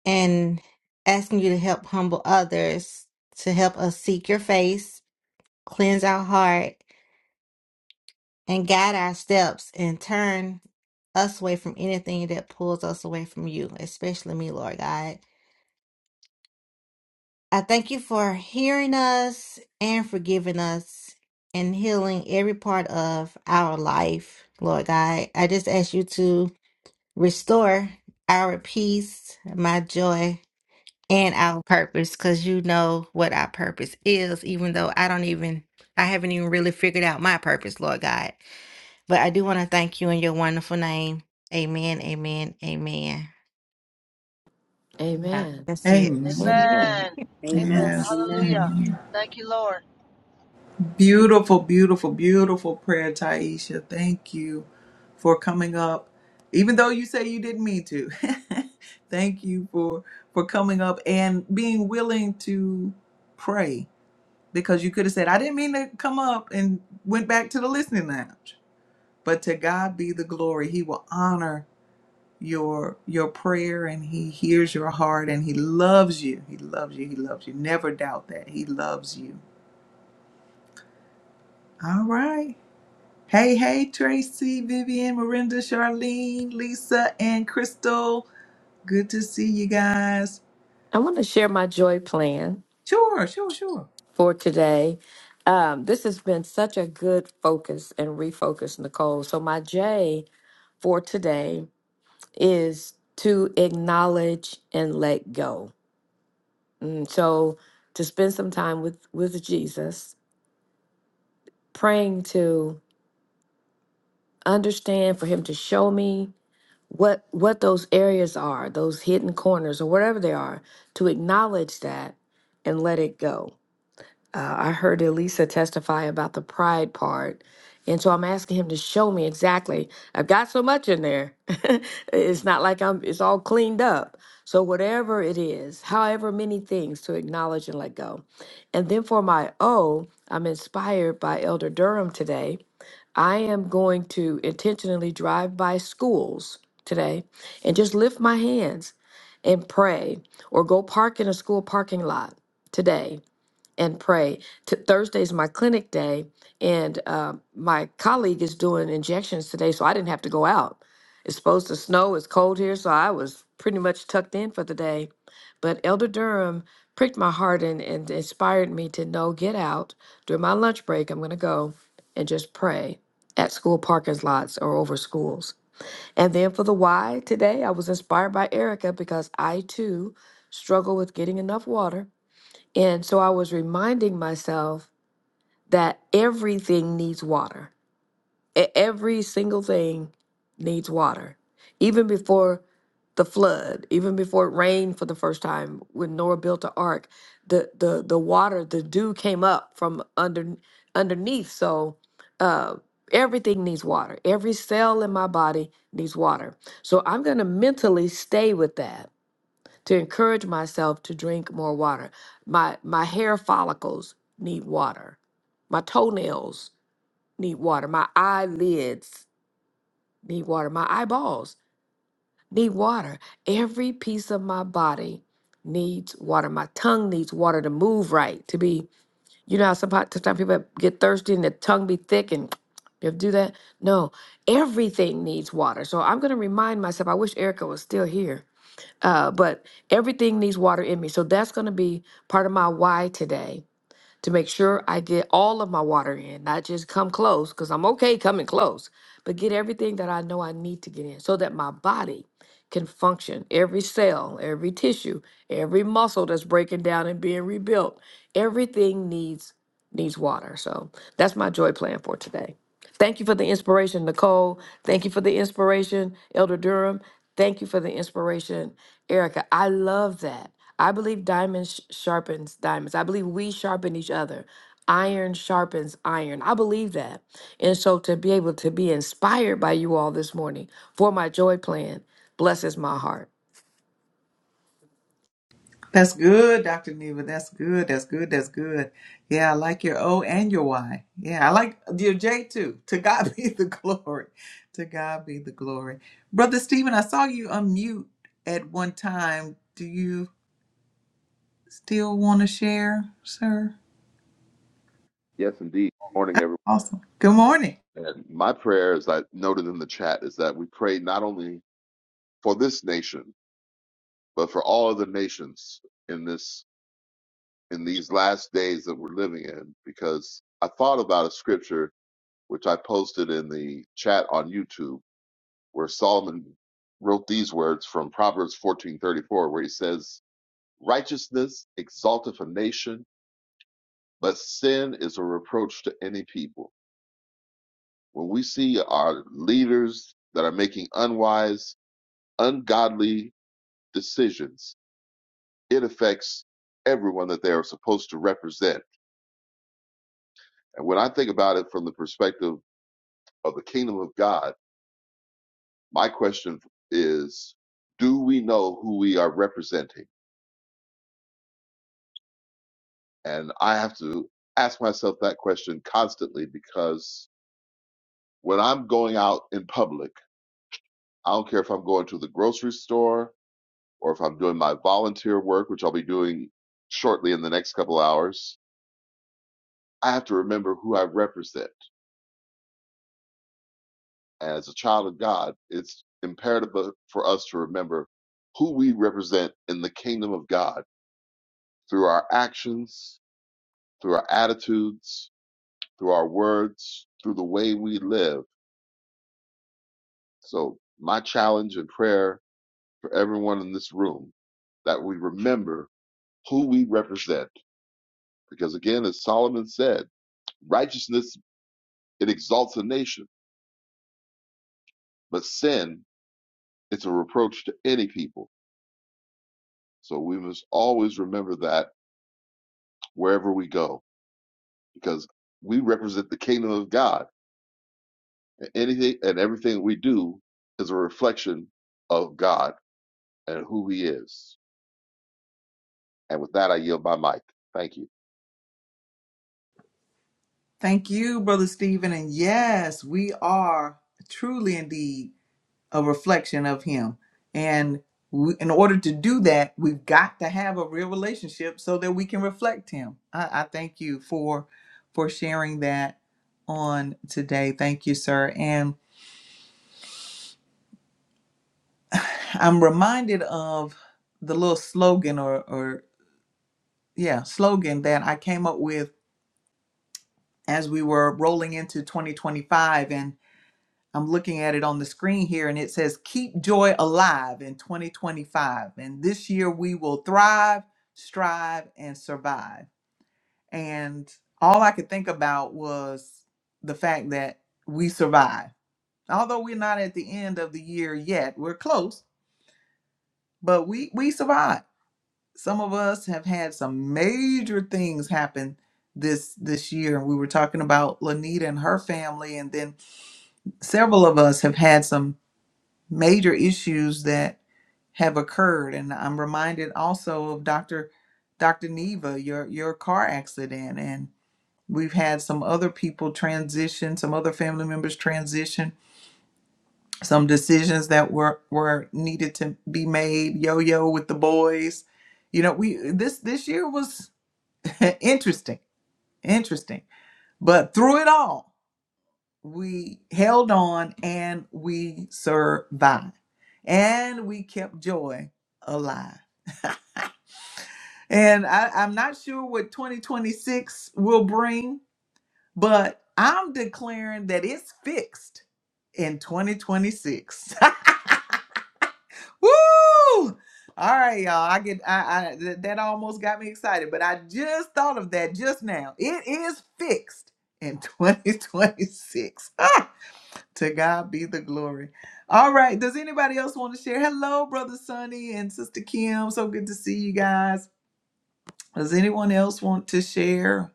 Speaker 7: and asking you to help humble others, to help us seek your face, cleanse our heart, and guide our steps and turn us away from anything that pulls us away from you, especially me, Lord God. I thank you for hearing us and forgiving us and healing every part of our life, Lord God. I just ask you to restore our peace, my joy, and our purpose because you know what our purpose is, even though I don't even, I haven't even really figured out my purpose, Lord God. But I do want to thank you in your wonderful name. Amen, amen, amen. Yeah,
Speaker 4: Amen.
Speaker 7: that's it.
Speaker 1: Amen.
Speaker 4: Amen.
Speaker 2: Amen.
Speaker 6: Amen.
Speaker 2: Amen.
Speaker 1: Yes.
Speaker 6: Amen.
Speaker 2: Hallelujah. Thank you, Lord.
Speaker 1: Beautiful, beautiful, beautiful prayer, Taisha. Thank you for coming up, even though you say you didn't mean to. Thank you for for coming up and being willing to pray because you could have said, I didn't mean to come up and went back to the listening lounge. But to God be the glory. He will honor your your prayer and he hears your heart and he loves you. He loves you. He loves you. Never doubt that. He loves you. All right. Hey, hey, Tracy, Vivian, Miranda, Charlene, Lisa, and Crystal. Good to see you guys.
Speaker 4: I want to share my joy plan
Speaker 1: Sure, sure, sure.
Speaker 4: for today. Um, this has been such a good focus and refocus, Nicole. So my J for today is to acknowledge and let go. And so to spend some time with with Jesus, praying to understand for him to show me what what those areas are, those hidden corners or whatever they are, to acknowledge that and let it go. I heard Elisa testify about the pride part. And so I'm asking him to show me exactly. I've got so much in there. it's not like I'm it's all cleaned up. So whatever it is, however many things to acknowledge and let go. And then for my O, I'm inspired by Elder Durham today. I am going to intentionally drive by schools today and just lift my hands and pray or go park in a school parking lot today and pray. T- Thursday's my clinic day, and uh, my colleague is doing injections today, so I didn't have to go out. It's supposed to snow, it's cold here, so I was pretty much tucked in for the day. But Elder Durham pricked my heart and, and inspired me to know get out during my lunch break. I'm going to go and just pray at school parking lots or over schools. And then for the why today, I was inspired by Erica because I too struggle with getting enough water and so I was reminding myself that everything needs water. E- Every single thing needs water. Even before the flood, even before it rained for the first time, when Noah built the ark, the the the water, the dew came up from under underneath. So uh, everything needs water. Every cell in my body needs water. So I'm gonna mentally stay with that to encourage myself to drink more water. My my hair follicles need water. My toenails need water. My eyelids need water. My eyeballs need water. Every piece of my body needs water. My tongue needs water to move right, to be, you know, how sometimes, sometimes people get thirsty and their tongue be thick and you have to do that. No, everything needs water. So I'm going to remind myself, I wish Erica was still here uh, but everything needs water in me. So that's going to be part of my why today to make sure I get all of my water in, not just come close, because I'm okay coming close, but get everything that I know I need to get in so that my body can function. Every cell, every tissue, every muscle that's breaking down and being rebuilt, everything needs needs water. So that's my joy plan for today. Thank you for the inspiration, Nicole. Thank you for the inspiration, Elder Durham. Thank you for the inspiration, Erica. I love that. I believe diamonds sh- sharpens diamonds. I believe we sharpen each other. Iron sharpens iron. I believe that. And so to be able to be inspired by you all this morning for my joy plan blesses my heart.
Speaker 1: That's good, Dr. Neva. That's good. That's good. That's good. Yeah, I like your O and your Y. Yeah, I like your J too. To God be the glory. To God be the glory. Brother Stephen, I saw you unmute at one time. Do you still want to share, sir?
Speaker 8: Yes, indeed. Morning, everyone.
Speaker 1: Awesome. Good morning.
Speaker 8: And my prayer, as I noted in the chat, is that we pray not only for this nation, but for all other nations in this in these last days that we're living in. Because I thought about a scripture which I posted in the chat on YouTube, where Solomon wrote these words from Proverbs fourteen thirty four, where he says, "Righteousness exalteth a nation, but sin is a reproach to any people." When we see our leaders that are making unwise, ungodly decisions, it affects everyone that they are supposed to represent. And when I think about it from the perspective of the kingdom of God, my question is do we know who we are representing? And I have to ask myself that question constantly because when I'm going out in public, I don't care if I'm going to the grocery store, or if I'm doing my volunteer work, which I'll be doing shortly in the next couple hours, I have to remember who I represent. As a child of God, it's imperative for us to remember who we represent in the kingdom of God through our actions, through our attitudes, through our words, through the way we live. So, my challenge and prayer for everyone in this room that we remember who we represent. Because again, as Solomon said, righteousness It exalts a nation, but sin, it's a reproach to any people. So we must always remember that wherever we go, because we represent the kingdom of God. And anything and everything we do is a reflection of God and who he is. And with that, I yield my mic. Thank you.
Speaker 1: Thank you, Brother Stephen. And yes, we are truly indeed a reflection of him and we, in order to do that we've got to have a real relationship so that we can reflect him I, I thank you for for sharing that on today thank you sir and i'm reminded of the little slogan or or yeah slogan that i came up with as we were rolling into 2025 and. I'm looking at it on the screen here and it says, Keep Joy Alive in 2025. And this year we will thrive, strive, and survive. And all I could think about was the fact that we survive. Although we're not at the end of the year yet, we're close, but we, we survived. Some of us have had some major things happen this this year and we were talking about Lanita and her family and then several of us have had some major issues that have occurred. And I'm reminded also of Dr. Dr. Neva, your your car accident, and we've had some other people transition, some other family members transition, some decisions that were were needed to be made. Yo yo with the boys, you know. We this this year was interesting, interesting, but through it all. we held on and we survived and we kept joy alive and I, i'm not sure what 2026 will bring but i'm declaring that it's fixed in 2026 Woo! all right y'all i get I, I th- that almost got me excited but i just thought of that just now it is fixed in 2026 To God be the glory. All right. Does anybody else want to share? Hello, Brother Sonny and Sister Kim. So good to see you guys. Does anyone else want to share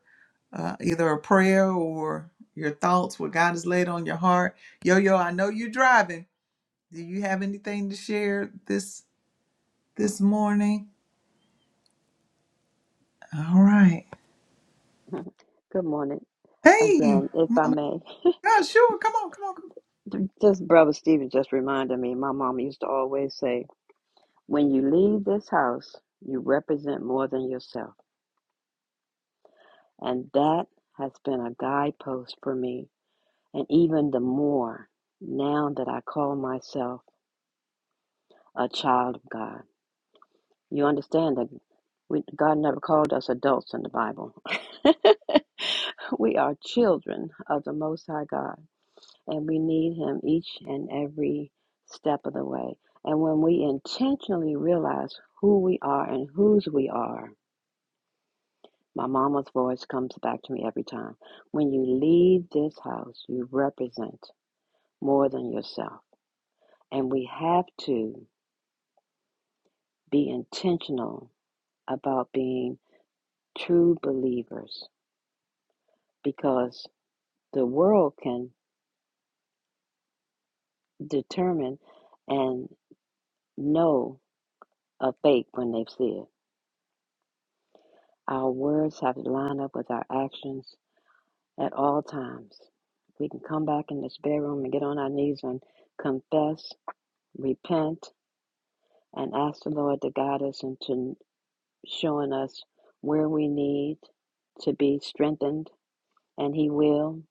Speaker 1: uh, either a prayer or your thoughts, what God has laid on your heart? Yo, yo, I know you're driving. Do you have anything to share this this morning? All right.
Speaker 6: Good morning
Speaker 1: Hey,
Speaker 6: again, if I
Speaker 1: Mama.
Speaker 6: may.
Speaker 1: God, sure. Come on, come on, come on.
Speaker 6: Just Brother Stephen just reminded me, my mom used to always say, when you leave this house, you represent more than yourself. And that has been a guidepost for me. And even the more now that I call myself a child of God. You understand that we, God never called us adults in the Bible. we are children of the Most High God, and we need Him each and every step of the way. And when we intentionally realize who we are and whose we are, My mama's voice comes back to me every time. When you leave this house, you represent more than yourself. And we have to be intentional about being true believers because the world can determine and know a fake when they see it. Our words have to line up with our actions at all times. We can come back in this bedroom and get on our knees and confess, repent, and ask the Lord to guide us into showing us where we need to be strengthened, and He will.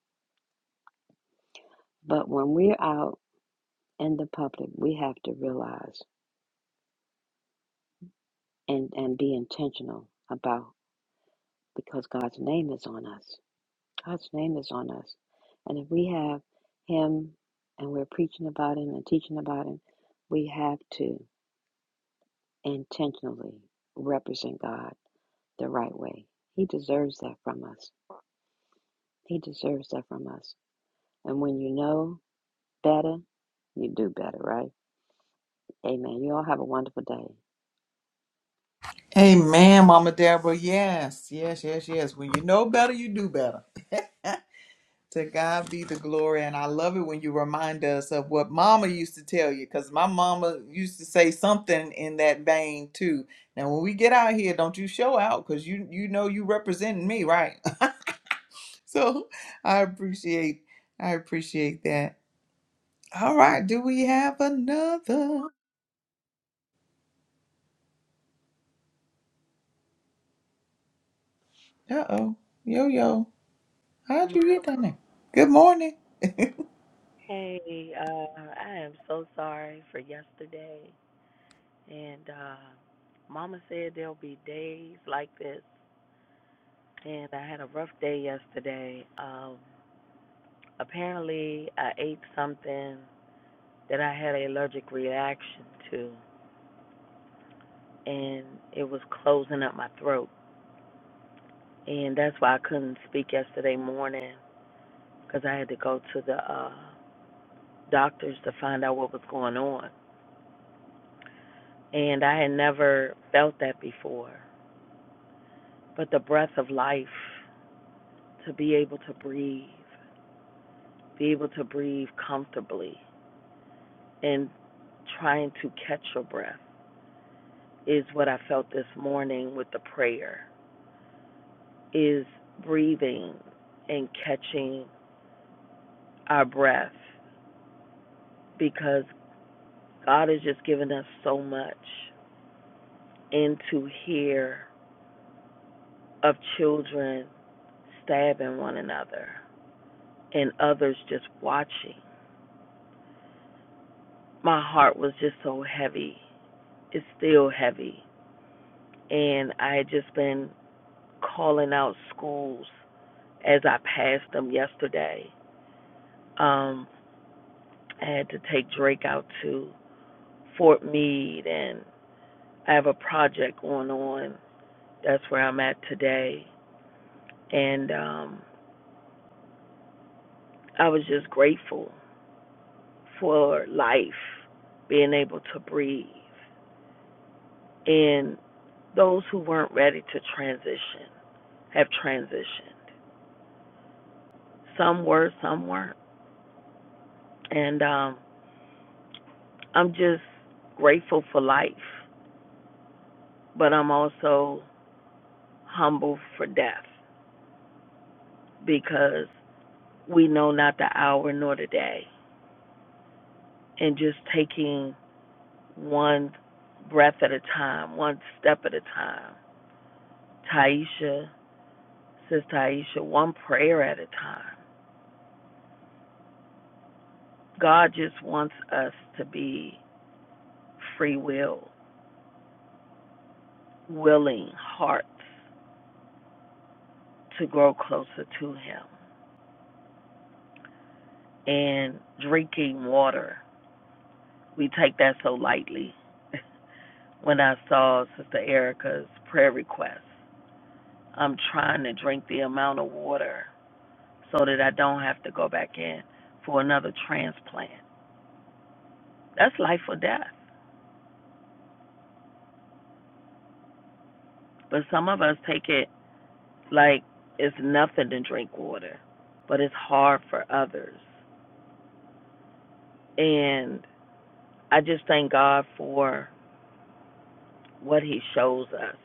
Speaker 6: But when we're out in the public, we have to realize and, and be intentional about because God's name is on us. God's name is on us. And if we have Him and we're preaching about Him and teaching about Him, we have to intentionally represent God the right way. He deserves that from us. He deserves that from us. And when you know better, you do better, right? Amen. You all have a wonderful day.
Speaker 1: Amen, Mama Deborah. Yes, yes, yes, yes. When you know better, you do better. To God be the glory. And I love it when you remind us of what mama used to tell you, because my mama used to say something in that vein too. Now when we get out here, don't you show out because you you know you representing me, right? so I appreciate I appreciate that. All right, do we have another? Uh oh. Yo yo. How'd
Speaker 9: morning.
Speaker 1: you get down there? Good morning.
Speaker 9: Hey, uh, I am so sorry for yesterday. And uh, Mama said there'll be days like this. And I had a rough day yesterday. Um, apparently, I ate something that I had an allergic reaction to, and it was closing up my throat. And that's why I couldn't speak yesterday morning because I had to go to the uh, doctors to find out what was going on. And I had never felt that before. but the breath of life to be able to breathe, be able to breathe comfortably and trying to catch your breath is what I felt this morning with the prayer is breathing and catching our breath because God has just given us so much and to hear of children stabbing one another and others just watching. My heart was just so heavy. It's still heavy and I had just been calling out schools as I passed them yesterday. Um, I had to take Drake out to Fort Meade, and I have a project going on. That's where I'm at today, and um, I was just grateful for life, being able to breathe, and those who weren't ready to transition have transitioned. Some were, some weren't, and um, I'm just grateful for life, but I'm also humble for death because we know not the hour nor the day. And just taking one breath at a time, one step at a time. Taisha, says Taisha, one prayer at a time. God just wants us to be free will, willing hearts to grow closer to Him and drinking water We take that so lightly. When I saw Sister Erica's prayer request, I'm trying to drink the amount of water so that I don't have to go back in for another transplant. That's life or death. But some of us take it like it's nothing to drink water, but it's hard for others. And I just thank God for what He shows us.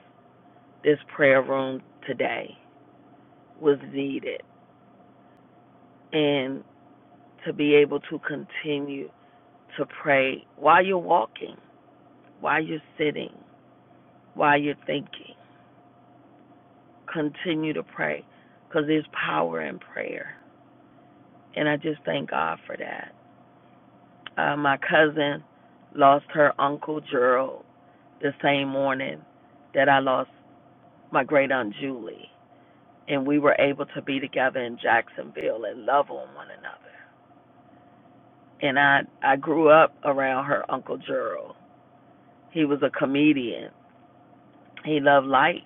Speaker 9: This prayer room today was needed. and. to be able to continue to pray while you're walking, while you're sitting, while you're thinking. Continue to pray because there's power in prayer. And I just thank God for that. Uh, my cousin lost her uncle Gerald the same morning that I lost my great aunt Julie. And we were able to be together in Jacksonville and love on one another. And I, I grew up around her uncle Gerald. He was a comedian He loved life.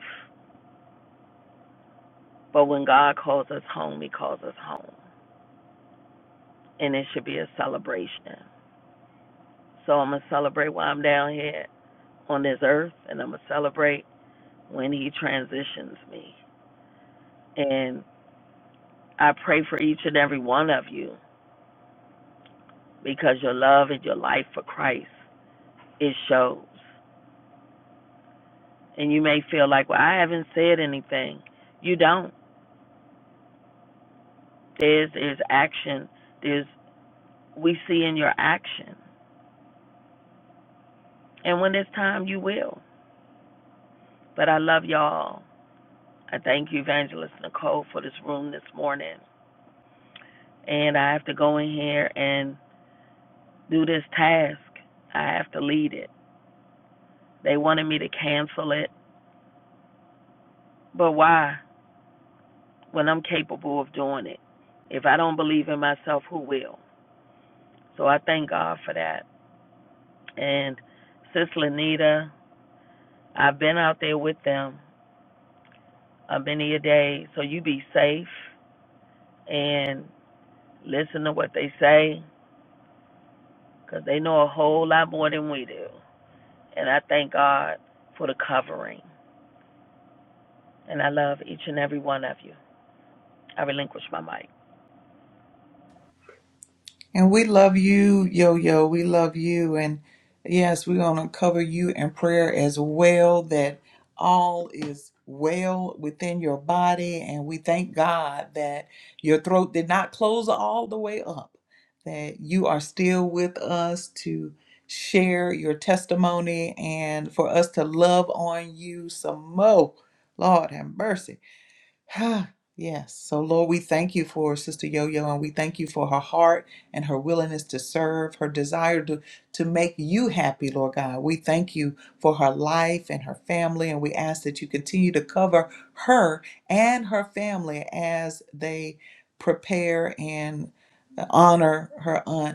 Speaker 9: But when God calls us home, He calls us home. And it should be a celebration. So I'm going to celebrate while I'm down here on this earth, and I'm going to celebrate when He transitions me. And I pray for each and every one of you because your love and your life for Christ, it shows. And you may feel like, well, I haven't said anything. You don't. There's, there's action. There's, we see in your action. And when it's time, you will. But I love y'all. I thank you, Evangelist Nicole, for this room this morning. And I have to go in here and do this task. I have to lead it. They wanted me to cancel it. But why? When I'm capable of doing it. If I don't believe in myself, who will? So I thank God for that. And Sis Lanita, I've been out there with them uh, many a day. So you be safe and listen to what they say because they know a whole lot more than we do. And I thank God for the covering. And I love each and every one of you. I relinquish my mic.
Speaker 1: And we love you, Yo Yo. We love you. And yes, we're going to cover you in prayer as well that all is well within your body. And we thank God that your throat did not close all the way up, that you are still with us to share your testimony and for us to love on you some more. Lord have mercy. yes. So, Lord, we thank you for Sister Yo Yo and we thank you for her heart and her willingness to serve, her desire to, to make you happy, Lord God. We thank you for her life and her family, and we ask that you continue to cover her and her family as they prepare and honor her aunt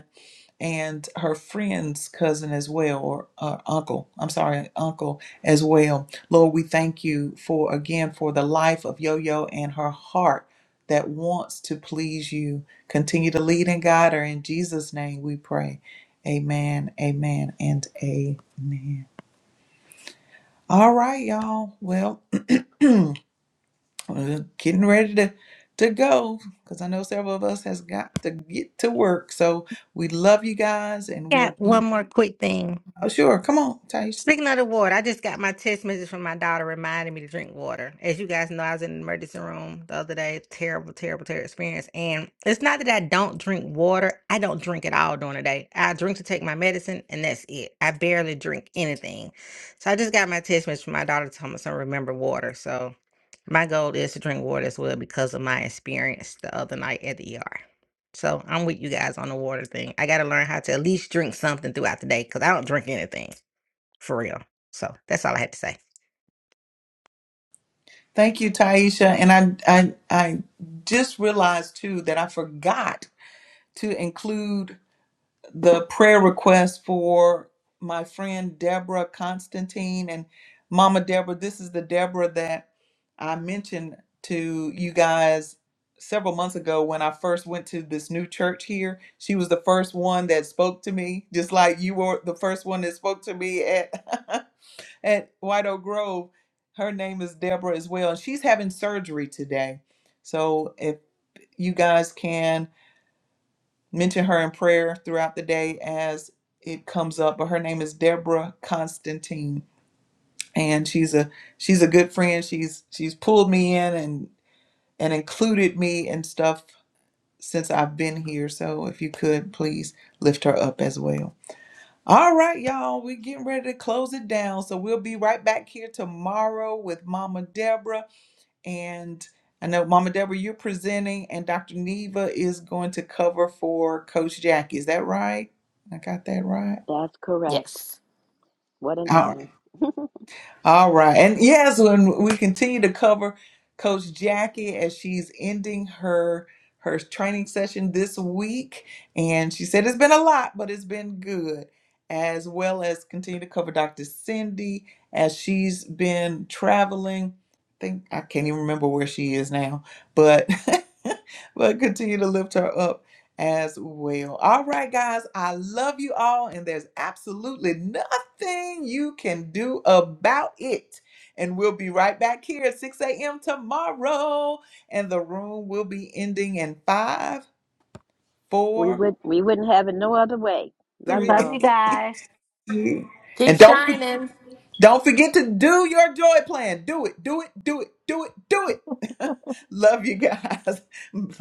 Speaker 1: and her friend's cousin as well, or uh, uncle, I'm sorry, uncle as well. Lord, we thank you for again for the life of Yo Yo and her heart that wants to please you. Continue to lead and guide her. In Jesus' name we pray. Amen, amen, and amen. All right, y'all. Well, we're getting ready to to go because I know several of us has got to get to work. So we love you guys, and we'll
Speaker 7: Got one more quick thing.
Speaker 1: Oh, sure. Come on, Taisha.
Speaker 7: Speaking of the water, I just got my text message from my daughter reminding me to drink water. As you guys know, I was in the emergency room the other day. Terrible, terrible, terrible experience. And it's not that I don't drink water. I don't drink at all during the day. I drink to take my medicine, and that's it. I barely drink anything. So I just got my text message from my daughter telling me to remember water. So my goal is to drink water as well because of my experience the other night at the ER. So I'm with you guys on the water thing. I got to learn how to at least drink something throughout the day because I don't drink anything for real. So that's all I had to say.
Speaker 1: Thank you, Taisha. And I, I, I just realized too that I forgot to include the prayer request for my friend Deborah Constantine and Mama Deborah. This is the Deborah that I mentioned to you guys several months ago when I first went to this new church here. She was the first one that spoke to me, just like you were the first one that spoke to me at at White Oak Grove. Her name is Deborah as well, and she's having surgery today. So if you guys can mention her in prayer throughout the day as it comes up, but her name is Deborah Constantine, and she's a she's a good friend. She's she's pulled me in and and included me and stuff since I've been here. So if you could please lift her up as well. All right, y'all, we're getting ready to close it down. So we'll be right back here tomorrow with Mama Deborah. And I know Mama Deborah, you're presenting, and Dr. Neva is going to cover for Coach Jackie. Is that right? I got that right.
Speaker 6: That's correct.
Speaker 4: Yes.
Speaker 6: What an
Speaker 1: All right.
Speaker 6: honor.
Speaker 1: All right. And yes, when we continue to cover Coach Jackie as she's ending her her training session this week. And she said it's been a lot, but it's been good. As well as continue to cover Dr. Cindy as she's been traveling. I think I can't even remember where she is now, but but continue to lift her up as well. All right, guys, I love you all, and there's absolutely nothing you can do about it. And we'll be right back here at 6 a.m. tomorrow, and the room will be ending in five,
Speaker 6: We
Speaker 1: four,
Speaker 6: would we wouldn't have it no other way. Love
Speaker 1: three,
Speaker 7: Love
Speaker 6: y'all.
Speaker 7: you guys.
Speaker 1: two,
Speaker 4: Keep
Speaker 1: and don't for-
Speaker 4: shining.
Speaker 1: don't forget to do your joy plan. Do it, do it, do it, do it, do it. love you guys.